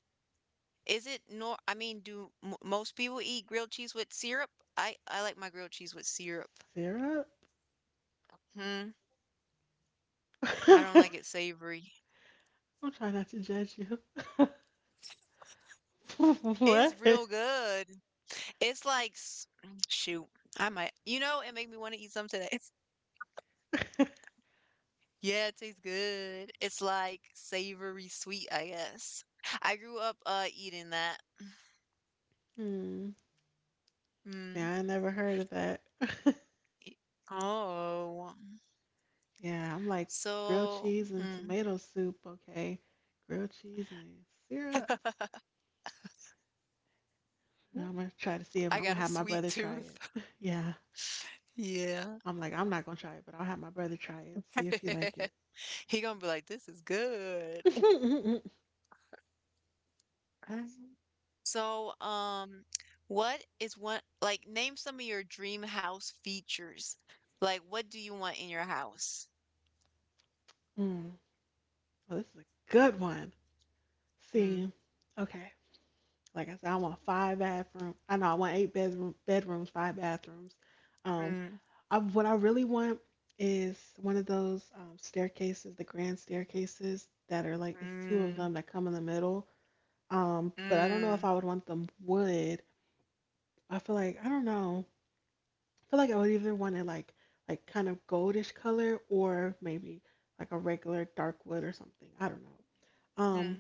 S2: is it nor I mean, do m most people eat grilled cheese with syrup? I like my grilled cheese with syrup.
S1: Yeah,
S2: Hmm. I don't
S1: syrup.
S2: like it savory.
S1: I'm trying not to judge you. What?
S2: It's real good. It's like s- shoot. I might. You know, it made me want to eat some today. Yeah, it tastes good. It's like savory sweet, I guess. I grew up eating that.
S1: Hmm. See,
S2: Mm.
S1: I never heard of that.
S2: e- Oh.
S1: Yeah, I'm like grilled
S2: So,
S1: cheese and
S2: mm.
S1: tomato soup. Okay, grilled cheese and syrup. I'm gonna try to see if
S2: I
S1: I'm gonna
S2: got a
S1: have my
S2: sweet
S1: brother try
S2: tooth.
S1: it. Yeah,
S2: Yeah.
S1: I'm like I'm not gonna try it, but I'll have my brother try it and see if he like it.
S2: He gonna be like, this is good. So, what is one like, name some of your dream house features? Like, what do you want in your house?
S1: Mm. Oh, this is a good one.
S2: Mm,
S1: See, okay. Like I said, I want five bathroom. I know I want eight-bedroom bedrooms, five bathrooms. Um,
S2: mm,
S1: what I really want is one of those staircases, the grand staircases that are like it's two of them
S2: mm,
S1: that come in the middle. But I don't know if I
S2: mm,
S1: would want them wood. I feel like I don't know. I feel like I would either want it like kind of goldish color or maybe like a regular dark wood or something. I don't know.
S2: mm.
S1: Um,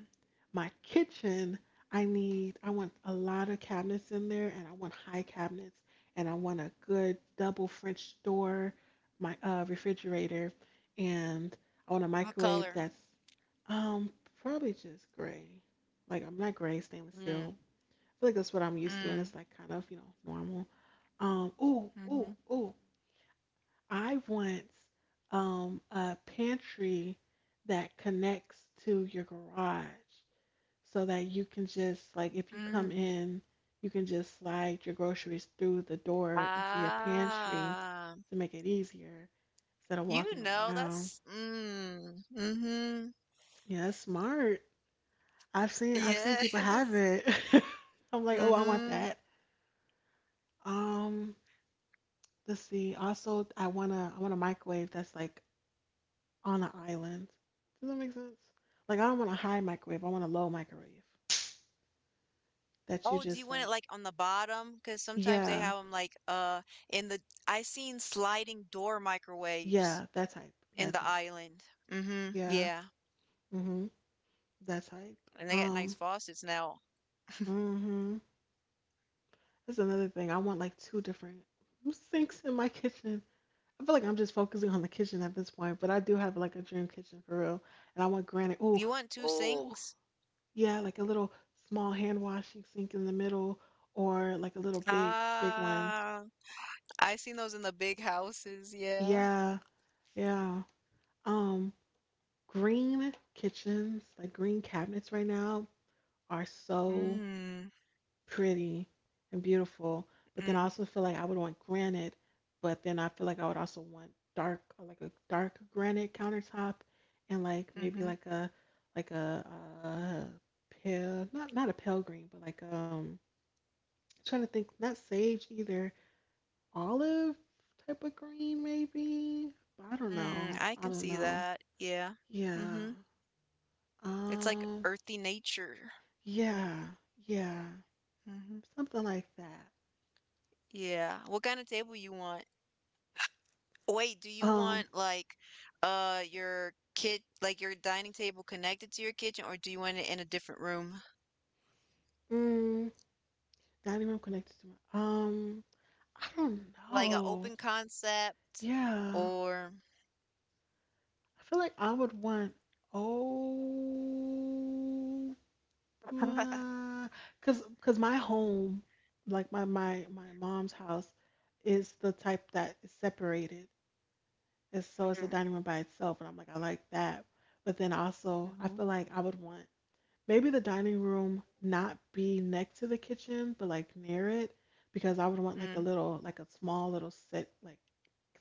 S1: my kitchen, I want a lot of cabinets in there and I want high cabinets and I want a good double French door, my refrigerator, and
S2: What
S1: I want a
S2: color?
S1: microwave that's um probably just gray. Like I'm not gray, stainless
S2: Mm,
S1: steel. I feel like that's what I'm used to
S2: mm,
S1: and it's like kind of, you know, normal. Ooh,
S2: mm-hmm,
S1: ooh, ooh. I want a pantry that connects to your garage so that you can just like if you come
S2: mm.
S1: in, you can just slide your groceries through the door into your pantry
S2: Ah,
S1: to make it easier instead of
S2: you
S1: walking
S2: know,
S1: around.
S2: that's mm, mm-hmm.
S1: Yeah, it's smart. I've seen people have
S2: Yes.
S1: it. I'm like, oh, I want
S2: Mm-hmm.
S1: that. Um, let's see. Also, I want a microwave that's like on an island. Does that make sense? Like, I don't want a high microwave. I want a low microwave that
S2: Oh,
S1: you
S2: do you
S1: just
S2: want it
S1: like.
S2: like on the bottom? Because sometimes they
S1: Yeah,
S2: have them like in the I seen sliding door microwaves
S1: yeah, that type,
S2: in
S1: that
S2: the
S1: type.
S2: island. Mm-hmm.
S1: Yeah,
S2: Yeah.
S1: Mm-hmm. That type.
S2: And they got nice
S1: Um.
S2: faucets now.
S1: Mm-hmm. That's another thing. I want like two different sinks in my kitchen. I feel like I'm just focusing on the kitchen at this point, but I do have like a dream kitchen for real, and I want granite. Oh,
S2: You want two
S1: oh,
S2: sinks?
S1: yeah, like a little small hand washing sink in the middle, or like a little big, big one.
S2: Ah, I seen those in the big houses, yeah.
S1: Yeah, yeah. Um, Green kitchens, like green cabinets right now are so
S2: Mm,
S1: pretty and beautiful, but then I
S2: mm,
S1: also feel like I would want granite, but then I feel like I would also want dark, like a dark granite countertop, and like maybe
S2: mm-hmm.
S1: like a uh, pale, not a pale green, but like I'm trying to think, not sage either, olive type of green maybe. I don't
S2: Mm,
S1: know.
S2: I
S1: I
S2: can
S1: don't
S2: see
S1: know.
S2: that. Yeah.
S1: Yeah.
S2: Mm-hmm. It's like
S1: Um.
S2: earthy nature.
S1: Yeah. Yeah.
S2: Mm-hmm.
S1: Something like that.
S2: Yeah. What kind of table you want? Wait, do you want
S1: Um.
S2: like your kid like your dining table connected to your kitchen or do you want it in a different room?
S1: Mm, dining room connected to my um, I don't
S2: Like an
S1: know.
S2: open concept
S1: Yeah.
S2: or,
S1: I feel like I would want oh because my home, like my mom's house, is the type that is separated. And so it's a dining room by itself, and I'm like, I like that. But then also I
S2: mm-hmm.
S1: feel like I would want maybe the dining room not be next to the kitchen, but like near it. Because I would want like a
S2: Mm,
S1: little, like a small little set,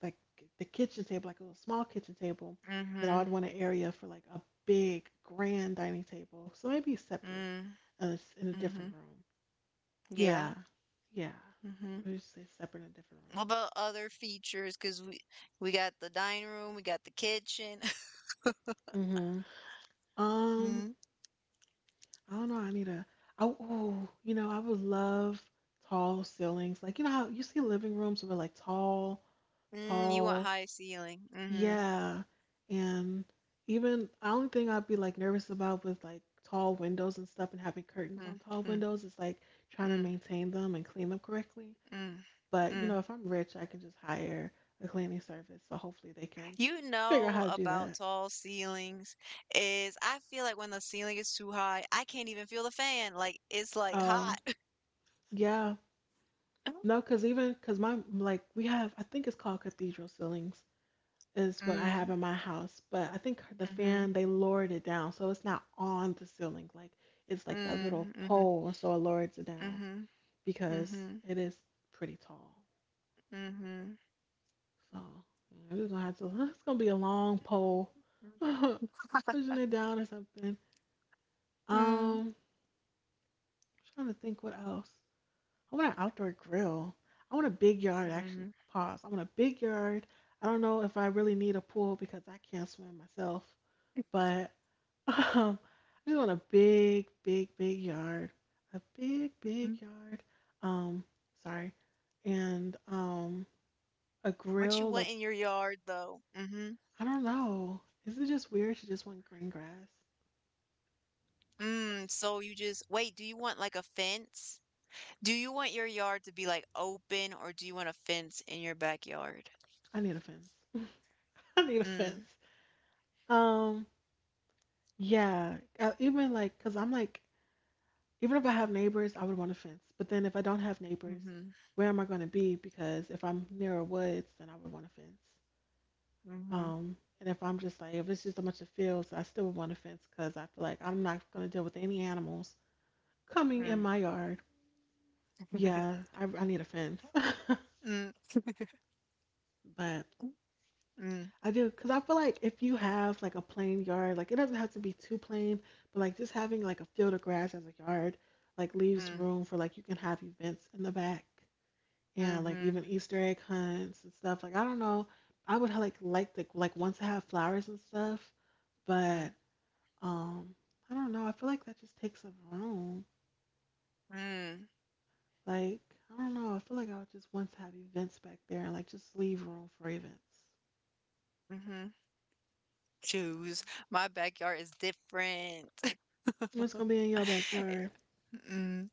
S1: like the kitchen table, like a little small kitchen table.
S2: mm-hmm.
S1: Then I
S2: Mm,
S1: would want an area for like a big grand dining table. So maybe
S2: mm
S1: separate,
S2: hmm,
S1: in a
S2: mm hmm.
S1: different room. Yeah,
S2: Yeah.
S1: yeah.
S2: Mm-hmm.
S1: We just say separate in a different
S2: What about other features? Because we got the dining room, we got the kitchen.
S1: room. Mhm.
S2: Mm,
S1: I don't know. I need a. I oh, you know, I would love tall ceilings. Like you know how you see living rooms with like tall,
S2: mm, you want
S1: tall.
S2: high ceiling. Mm-hmm.
S1: Yeah. And even the only thing I'd be like nervous about with like tall windows and stuff and having curtains
S2: Mm,
S1: on tall
S2: mm,
S1: windows is like trying to
S2: mm,
S1: maintain them and clean them correctly.
S2: mm,
S1: But you
S2: mm.
S1: know, if I'm rich, I can just hire a cleaning service. So hopefully they can
S2: You
S1: figure out how
S2: know
S1: to do
S2: about
S1: that.
S2: tall ceilings is I feel like when the ceiling is too high, I can't even feel the fan. Like it's like
S1: Oh,
S2: hot.
S1: yeah. No, because even because my like we have I think it's called cathedral ceilings. Is what I have
S2: Mm,
S1: in my house, but I think the
S2: mm-hmm,
S1: fan they lowered it down so it's not on the ceiling. Like it's like that little
S2: mm, mm-hmm,
S1: pole, and so it lowers it down
S2: mm-hmm,
S1: because
S2: mm-hmm,
S1: it is pretty tall.
S2: mm-hmm.
S1: So yeah, we're just gonna have to. It's gonna be a long pole, pushing it down or something.
S2: Mm,
S1: Um, Trying to think what else. I want an outdoor grill. I want a big yard. Actually,
S2: mm,
S1: pause. I want a big yard. I don't know if I really need a pool because I can't swim myself, but Um, I just want a big, big, big yard. A big, big
S2: mm.
S1: yard. Um, Sorry. And a
S2: What you
S1: grill,
S2: want in
S1: like
S2: your yard though? Mm-hmm.
S1: I don't know. Is it just weird to just want green grass?
S2: Mm, so you just wait, do you want like a fence? Do you want your yard to be like open or do you want a fence in your backyard?
S1: I need a fence. I need a
S2: Mm,
S1: fence. Um, yeah. Even like, cause I'm like, even if I have neighbors, I would want a fence. But then if I don't have neighbors,
S2: mm-hmm,
S1: where am I gonna be? Because if I'm near a woods, then I would want a fence.
S2: mm-hmm,
S1: And if I'm just like, if it's just a bunch of fields, I still would want a fence because I feel like I'm not going to deal with any animals coming in my yard.
S2: mm.
S1: Yeah, I need a fence.
S2: Mm,
S1: But
S2: mm,
S1: I do because I feel like if you have like a plain yard, like it doesn't have to be too plain, but like just having like a field of grass as a yard, like leaves
S2: mm,
S1: room for like you can have events in the back and like
S2: mhm,
S1: even Easter egg hunts and stuff. Like I don't know, I would like to want to have flowers and stuff, but
S2: mm,
S1: Um, I don't know. I feel like that just takes up room.
S2: mm,
S1: Like, I don't know. I feel like I would just want to have events back there and like just leave room for events.
S2: mhm.
S1: I
S2: Choose. My backyard is different.
S1: don't know. It's gonna be in your backyard.
S2: Mm.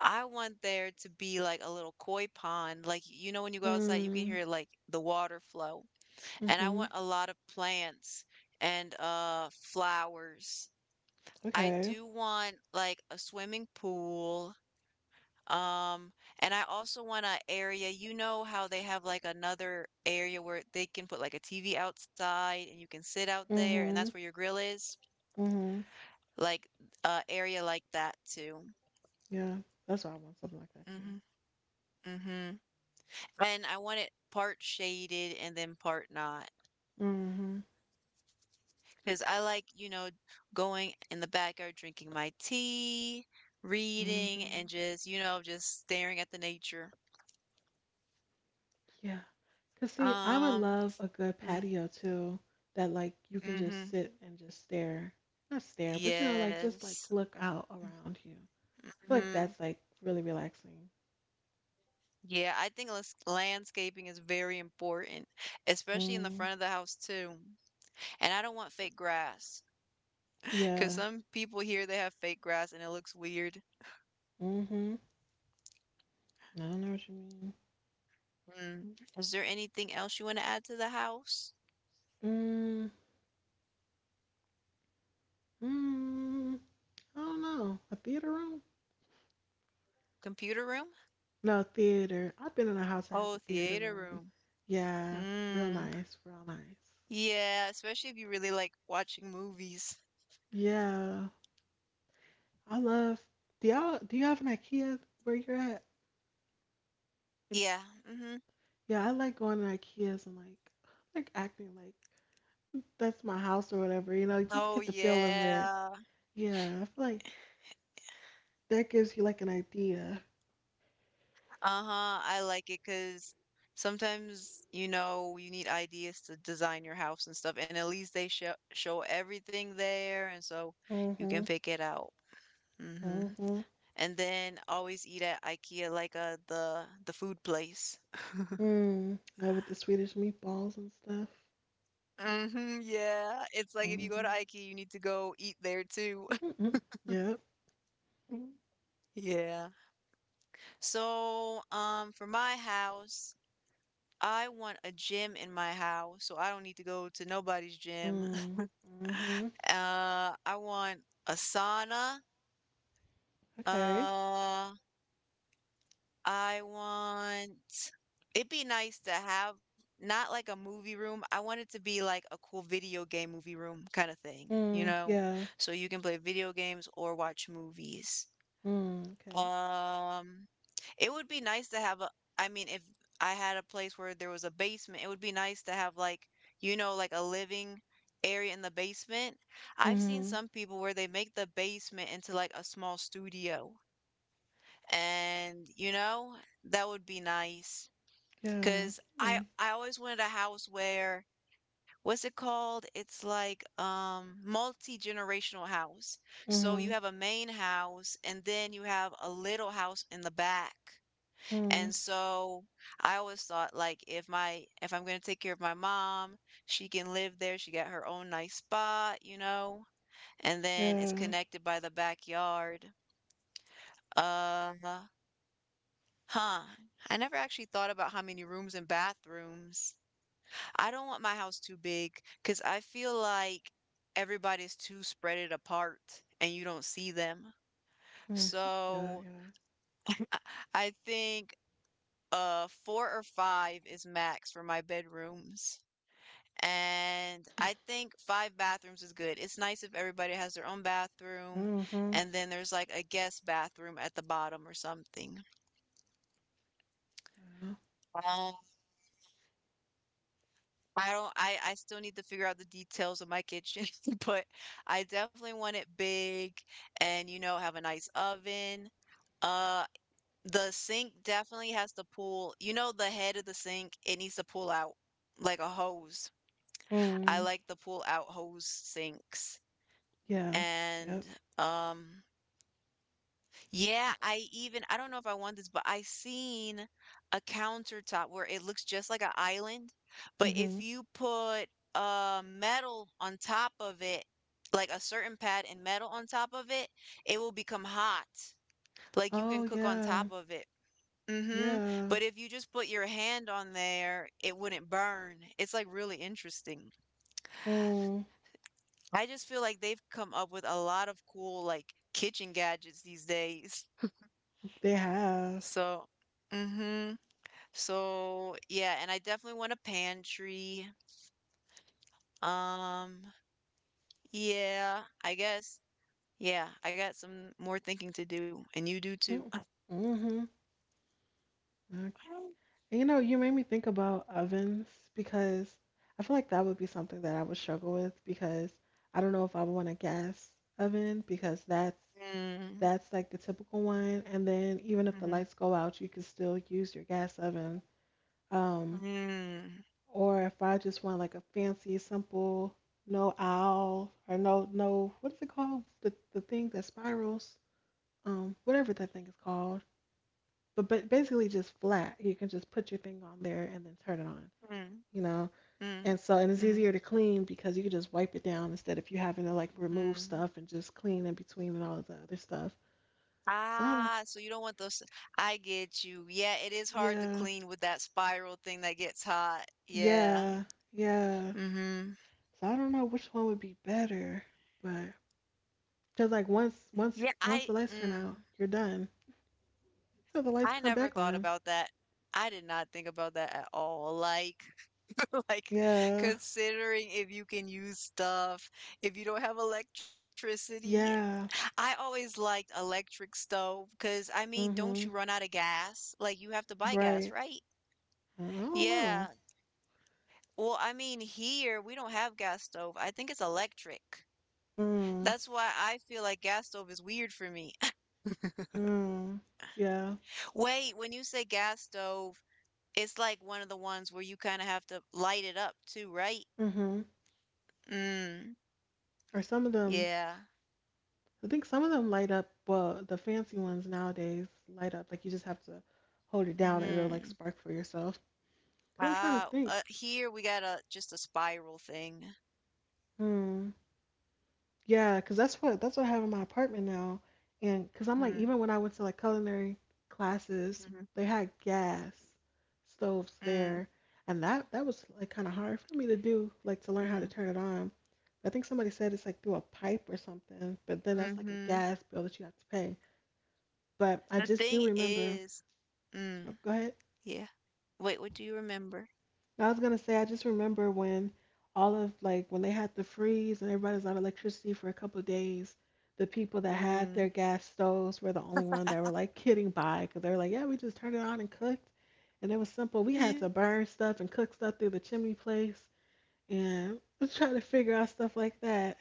S2: I want there to be like a little koi pond. Like, you know, when you go outside, you can
S1: Mm.
S2: hear like the water flow. And I
S1: Mhm.
S2: want a lot of plants and uh, flowers. I
S1: Okay.
S2: do want like a swimming pool. Um, and I also want an area, you know how they have like another area where they can put like a TV outside and you can sit out there and that's where
S1: Mhm.
S2: your grill is?
S1: Mhm.
S2: Like uh, area like that too.
S1: Yeah. That's why I want something like that too.
S2: Hmm, hmm. And I want it part shaded and then part not.
S1: Mhm.
S2: Because I like, you know, going in the backyard drinking my tea, reading,
S1: Mhm.
S2: and just, you know, just staring at the nature.
S1: Yeah. Cause see, I would
S2: Um,
S1: love a good
S2: mm,
S1: patio too. That like you can just
S2: hmm.
S1: sit and just stare. Not stare, but you know, like just like
S2: Yes.
S1: look out around you. I feel like
S2: Hmm.
S1: that's like really relaxing.
S2: Yeah, I think landscaping is very important, especially in the
S1: Mm,
S2: front of the house too. And I don't want fake grass because
S1: yeah.
S2: some people here they have fake grass and it looks weird.
S1: Mm-hmm. I don't know what you mean.
S2: Mm. Is there anything else you want to add to the house?
S1: Mm, mm, I don't know. A theater room?
S2: Computer room?
S1: No, theater. I've been in a house that has
S2: Oh,
S1: a theater
S2: theater
S1: room.
S2: room.
S1: Yeah, real
S2: Mm.
S1: nice, real nice.
S2: Yeah, especially if you really like watching movies.
S1: Yeah, I love. Do you have an IKEA where you're at?
S2: Yeah. Hmm.
S1: Yeah, I like going to IKEAs and like acting like that's my house or whatever, you know, just to
S2: Oh,
S1: get the feel of it.
S2: yeah.
S1: Yeah, I feel like that gives you like an idea.
S2: Uh-huh. I like it 'cause sometimes, you know, you need ideas to design your house and stuff, and at least they show everything there, and so you
S1: Mm-hmm.
S2: can pick it out. Hmm.
S1: Mm-hmm.
S2: And then always eat at IKEA, like uh, the food place.
S1: Mm. Yeah, with the Swedish meatballs and stuff.
S2: Hmm. Yeah. It's like if you go to IKEA,
S1: Mm-hmm.
S2: you need to go eat there too.
S1: Yep.
S2: Yeah. So, for my house, I want a gym in my house, so I don't need to go to nobody's gym.
S1: Mm. Mm-hmm.
S2: I want a sauna.
S1: Okay.
S2: Uh, I want, it'd be nice to have not like a movie room. I want it to be like a cool video game movie room kind of thing, you
S1: Mm.
S2: know?
S1: Yeah.
S2: So you can play video games or watch movies.
S1: Mm. Okay.
S2: Um, it would be nice to have a, I mean, if I had a place where there was a basement, it would be nice to have like, you know, like a living area in the basement. I've seen
S1: Mm-hmm.
S2: some people where they make the basement into like a small studio. And, you know, that would be nice.
S1: Yeah.
S2: 'Cause I
S1: Mm.
S2: I always wanted a house where, what's it called? It's like, multi-generational house. So you have a
S1: Mm.
S2: main house, and then you have a little house in the back. And
S1: Mm.
S2: so I always thought, like, if I'm gonna take care of my mom, she can live there, she got her own nice spot, you know, and then it's
S1: Yeah.
S2: connected by the backyard. Uh, huh. I never actually thought about how many rooms and bathrooms. I don't want my house too big because I feel like everybody's too spread it apart and you don't see them.
S1: Mm. I can see that.
S2: So
S1: Yeah.
S2: I I think uh, four or five is max for my bedrooms. And I think five bathrooms is good. It's nice if everybody has their own bathroom
S1: Mm-hmm.
S2: and then there's like a guest bathroom at the bottom or something.
S1: Yeah.
S2: Um, I don't I still need to figure out the details of my kitchen, but I definitely want it big and you know have a nice oven. Uh, the sink definitely has to pull. You know the head of the sink, it needs to pull out like a hose. I
S1: Mm.
S2: like the pull out hose sinks.
S1: Yeah.
S2: And
S1: Yep.
S2: um, yeah, I even, I don't know if I want this, but I seen a countertop where it looks just like an island, but if
S1: Mm-hmm.
S2: you put uh, metal on top of it, like a certain pad and metal on top of it, it will become hot. Like you can
S1: Oh
S2: cook on top
S1: yeah.
S2: of it. Mm-hmm.
S1: Yeah.
S2: But if you just put your hand on there, it wouldn't burn. It's like really interesting.
S1: Mm.
S2: I just feel like they've come up with a lot of cool like kitchen gadgets these days.
S1: They have.
S2: So, mm-hmm. So, yeah, and I definitely want a pantry. Um, yeah, I guess. Yeah, I got some more thinking to do, and you do too.
S1: Mm-hmm. And you know, you made me think about ovens because I feel like that would be something that I would struggle with because I don't know if I would want a gas oven, because that's
S2: Mm,
S1: like the typical one. And then even if the
S2: mhm,
S1: lights go out, you can still use your gas oven. Um,
S2: mm,
S1: or if I just want like a fancy, simple, no owl or no, what is it called? The thing that spirals, whatever that thing is called. But basically just flat. You can just put your thing on there and then turn it on,
S2: mm,
S1: you know.
S2: mm,
S1: And so, and it's
S2: mhm,
S1: easier to clean because you can just wipe it down instead of you having to like remove
S2: mm.
S1: stuff and just clean in between and all of the other stuff. So I don't,
S2: Ah, so you don't want those. I get you. Yeah, it is hard to
S1: yeah,
S2: clean with that spiral thing that gets hot. Yeah.
S1: yeah, yeah.
S2: Mm-hmm.
S1: So I don't know which one would be better, but because like once,
S2: Yeah,
S1: once,
S2: I,
S1: once the lights turn
S2: mm,
S1: out, you're done until the
S2: I
S1: lights come
S2: never
S1: back
S2: thought
S1: on.
S2: about that. I did not think about that at all. Like, like
S1: Yeah,
S2: considering if you can use stuff, if you don't have electricity.
S1: yeah,
S2: I always liked electric stove because I mean, don't you
S1: mm-hmm,
S2: run out of gas? Like you have to buy gas,
S1: right.
S2: right?
S1: I don't know.
S2: Yeah. Well, I mean, here we don't have gas stove. I think it's electric.
S1: Mm,
S2: That's why I feel like gas stove is weird for me.
S1: mm, yeah,
S2: Wait, when you say gas stove, it's like one of the ones where you kind of have to light it up too, right?
S1: mm-hmm.
S2: Mm,
S1: Or some of them,
S2: yeah.
S1: I think some of them light up. Well, the fancy ones nowadays light up. Like you just have to hold it down and it'll like
S2: Mm.
S1: spark for yourself. I'm trying to
S2: Ah,
S1: think.
S2: here we got a just a spiral thing.
S1: Hmm. Yeah, because that's what I have in my apartment now. And because I'm like,
S2: Mm-hmm.
S1: even when I went to like culinary classes,
S2: Mm-hmm.
S1: they had gas stoves
S2: Mm,
S1: there, and that was like kind of hard for me to do, like to learn how to
S2: mhm,
S1: turn it on. I think somebody said it's like through a pipe or something, but then that's like a
S2: mhm.
S1: gas bill that you have to pay. But I
S2: The
S1: just do
S2: thing
S1: remember.
S2: is,
S1: Oh,
S2: mm,
S1: go ahead.
S2: yeah, wait, what do you remember?
S1: I was gonna say, I just remember when all of like when they had the freeze and everybody was out of electricity for a couple of days, the people that had
S2: Mm.
S1: their gas stoves were the only one that were like getting by, because they were like, yeah, we just turned it on and cooked, and it was simple. We had
S2: Yeah.
S1: to burn stuff and cook stuff through the chimney place and try to figure out stuff like that.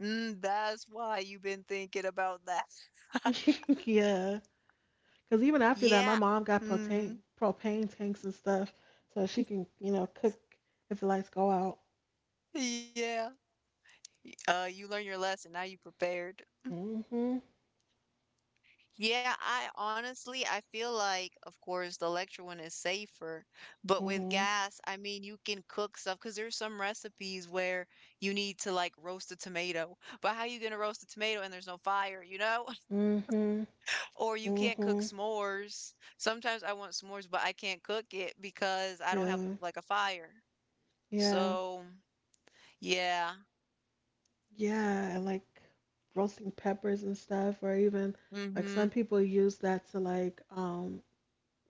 S2: Mm, that's why you've been thinking about that.
S1: Yeah, because even after that, my
S2: Yeah.
S1: mom got
S2: Hmm.
S1: propane tanks and stuff so she can, you know, cook if the lights go out.
S2: Yeah. You learned your lesson. Now you prepared.
S1: Mhm.
S2: Yeah, I honestly, I feel like, of course, the electric one is safer, but with
S1: Mhm.
S2: gas, I mean, you can cook stuff because there's some recipes where you need to like roast a tomato. But how you gonna roast a tomato and there's no fire, you know?
S1: Mm-hmm.
S2: Or you can't cook
S1: Mm-hmm.
S2: s'mores. Sometimes I want s'mores, but I can't cook it because I don't have
S1: Yeah.
S2: like a fire.
S1: Yeah.
S2: So, yeah.
S1: Yeah. And like roasting peppers and stuff, or even like
S2: Mm-hmm.
S1: some people use that to like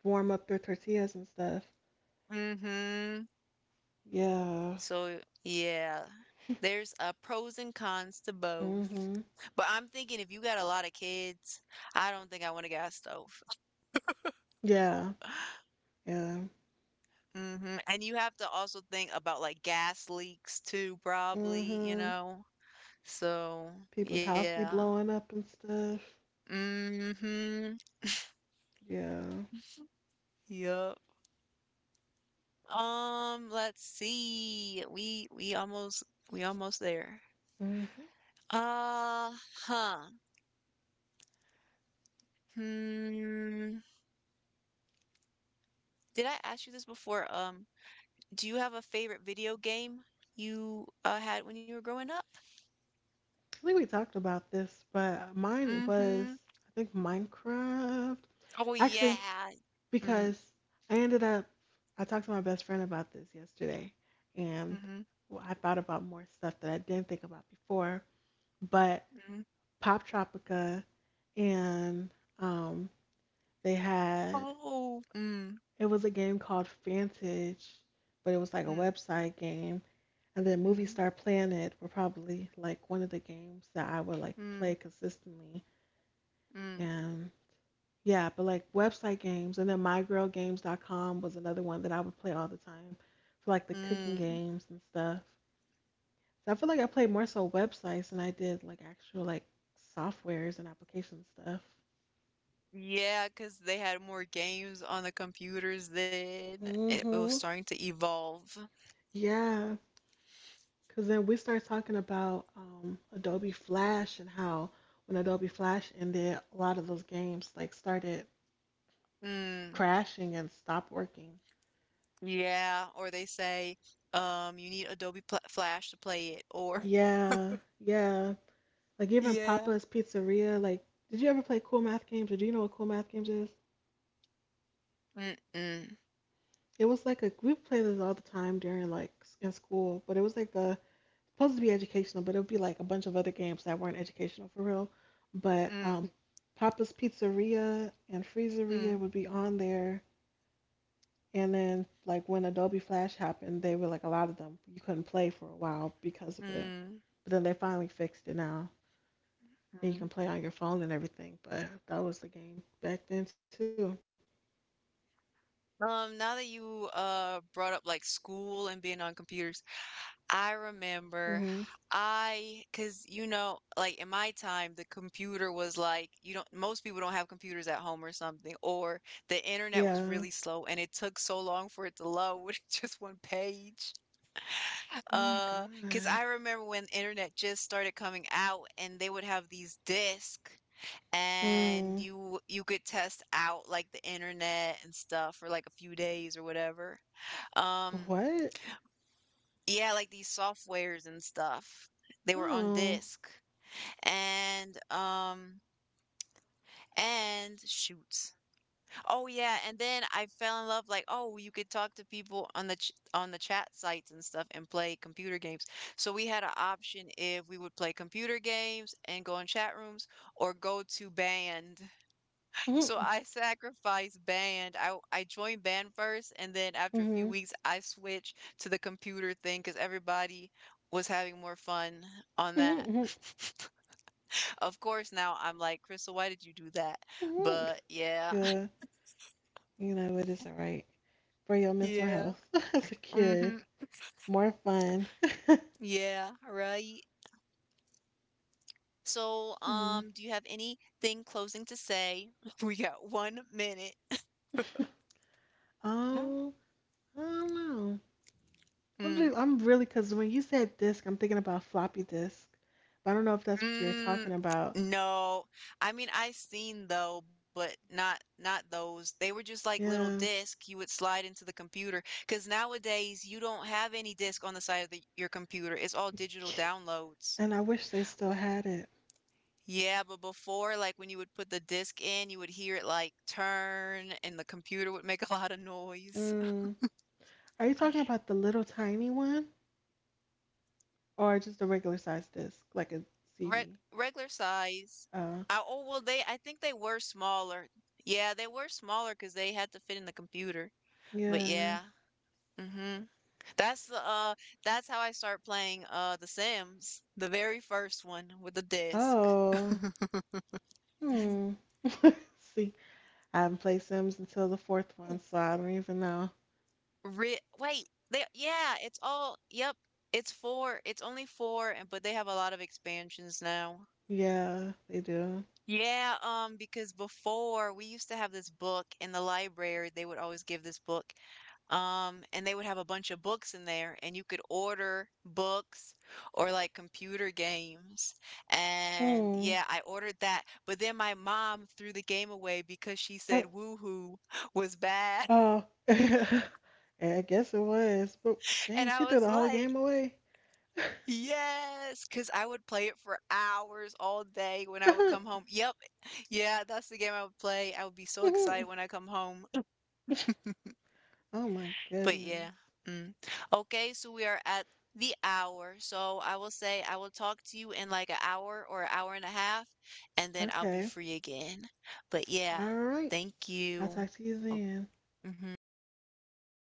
S1: warm up their tortillas and stuff.
S2: Mm-hmm.
S1: Yeah.
S2: So, yeah, there's pros and cons to both.
S1: Mm-hmm.
S2: But I'm thinking if you got a lot of kids, I don't think I want a gas stove.
S1: Yeah. Yeah.
S2: Hmm. And you have to also think about like gas leaks too, probably, you
S1: Mm-hmm.
S2: know? So,
S1: People's house
S2: yeah.
S1: be blowing up and stuff.
S2: Mm-hmm.
S1: Yeah.
S2: Yup. Let's see. We almost, we almost there.
S1: Mm-hmm. I
S2: Uh, huh. Hmm. Did I ask you this before? Do you have a favorite video game you had when you were growing up?
S1: think we talked about this, but mine was,
S2: Mm-hmm.
S1: I think, Minecraft.
S2: Oh
S1: Actually,
S2: yeah. Mm,
S1: because I ended up, I talked to my best friend about this yesterday, and
S2: mm-hmm.
S1: I thought about more stuff that I didn't think about before. But
S2: Mm.
S1: Pop Tropica, and um, they had,
S2: Oh. Mm,
S1: it was a game called Fantage, but it was like a
S2: mm,
S1: website game, and then Movie
S2: mm,
S1: Star Planet were probably like one of the games that I would like play
S2: mm,
S1: consistently, and yeah, but like website games, and then mygirlgames.com was another one that I would play all the time for like the cooking
S2: mm, mm.
S1: games and stuff. So I feel like I played more so websites than I did like actual like softwares and application stuff.
S2: Cause they had more games on the computers then. It was
S1: Mm-hmm.
S2: starting to evolve.
S1: Yeah, because then we start talking about Adobe Flash, and how when Adobe Flash ended, a lot of those games like started
S2: Mm.
S1: crashing and stopped working.
S2: Yeah, or they say, you need Adobe Pla Flash to play it, or
S1: Yeah, yeah. Like even
S2: yeah.
S1: Papa's Pizzeria. Like, did you ever play cool math games, or do you know what cool math games is?
S2: Mm-mm.
S1: It was like a, we played this all the time during like in school, but it was like a supposed to be educational, but it would be like a bunch of other games that weren't educational for real. But
S2: Mm-mm. Mm.
S1: Papa's Pizzeria and Freezeria
S2: Mm.
S1: would be on there. And then, like when Adobe Flash happened, they were like a lot of them you couldn't play for a while because of
S2: Mm, mm,
S1: it.
S2: mm,
S1: But then they finally fixed it now, and you
S2: mm.
S1: can play on your phone and everything. But that was the game back then too.
S2: Now that you uh, brought up like school and being on computers, I remember
S1: Mm-hmm.
S2: I, cause you know, like in my time, the computer was like you don't, most people don't have computers at home or something, or the internet was
S1: Yeah.
S2: really slow and it took so long for it to load just one page.
S1: Oh my
S2: Cause
S1: god.
S2: I remember when internet just started coming out and they would have these discs and
S1: Mm.
S2: you could test out like the internet and stuff for like a few days or whatever. Um,
S1: What?
S2: yeah, like these softwares and stuff. They were on
S1: Oh.
S2: disk. And um, and shoots. Oh yeah, and then I fell in love like oh, you could talk to people on the on the chat sites and stuff and play computer games. So we had an option if we would play computer games and go in chat rooms or go to band. So
S1: Mm-hmm.
S2: I sacrificed band. I joined band first, and then after a few
S1: Mm-hmm.
S2: weeks, I switched to the computer thing because everybody was having more fun on that.
S1: Mm-hmm.
S2: Of course, now I'm like, Crystal, why did you do that?
S1: Mm-hmm.
S2: But yeah,
S1: Yeah. You know it isn't right for your mental
S2: yeah,
S1: health as a kid.
S2: mm-hmm,
S1: More fun.
S2: yeah, right. So,
S1: Hmm.
S2: do you have anything closing to say? We got 1 minute.
S1: Oh, I don't know. I'm
S2: Mm.
S1: just, I'm really, because when you said disc, I'm thinking about floppy disk. But I don't know if that's what you're talking
S2: Mm,
S1: about.
S2: no. I mean, I seen though, but not not those. They were just like little
S1: Yeah.
S2: disc you would slide into the computer. 'Cause nowadays you don't have any disc on the side of the, your computer. It's all digital downloads.
S1: And I wish they still had it.
S2: Yeah, but before, like when you would put the disc in, you would hear it like turn and the computer would make a lot of noise.
S1: Mm. Are you talking about the little tiny one, or just a regular size disc, like a
S2: Re
S1: CD.
S2: regular size.
S1: Uh,
S2: I, oh, well, they, I think they were smaller. Yeah, they were smaller because they had to fit in the computer. But
S1: yeah.
S2: yeah. Hmm. That's the uh, that's how I start playing uh, The Sims, the very first one with the disc.
S1: Oh, hmm. See, I haven't played Sims until the fourth one, so I don't even know.
S2: Re- wait, they yeah, it's all yep, it's four. It's only four and but they have a lot of expansions now.
S1: Yeah, they do.
S2: Yeah, um, because before we used to have this book in the library, they would always give this book. And they would have a bunch of books in there, and you could order books or like computer games. And
S1: Hmm.
S2: yeah, I ordered that. But then my mom threw the game away because she
S1: Uh,
S2: said woohoo was bad.
S1: oh, yeah, I guess it was. But
S2: And
S1: dang, she
S2: I
S1: threw
S2: was
S1: the whole
S2: like,
S1: game away.
S2: yes, because I would play it for hours all day when I would come home. Yep. Yeah, that's the game I would play. I would be so
S1: Oh
S2: excited when I come home.
S1: my
S2: But
S1: goodness.
S2: yeah. Mm. Okay, so we are at the hour. So I will say I will talk to you in like an hour or an hour and a half, and then I'll be
S1: Okay.
S2: free again. But yeah,
S1: All right.
S2: thank
S1: I'll
S2: you.
S1: talk to you
S2: Okay.
S1: then.
S2: Hmm.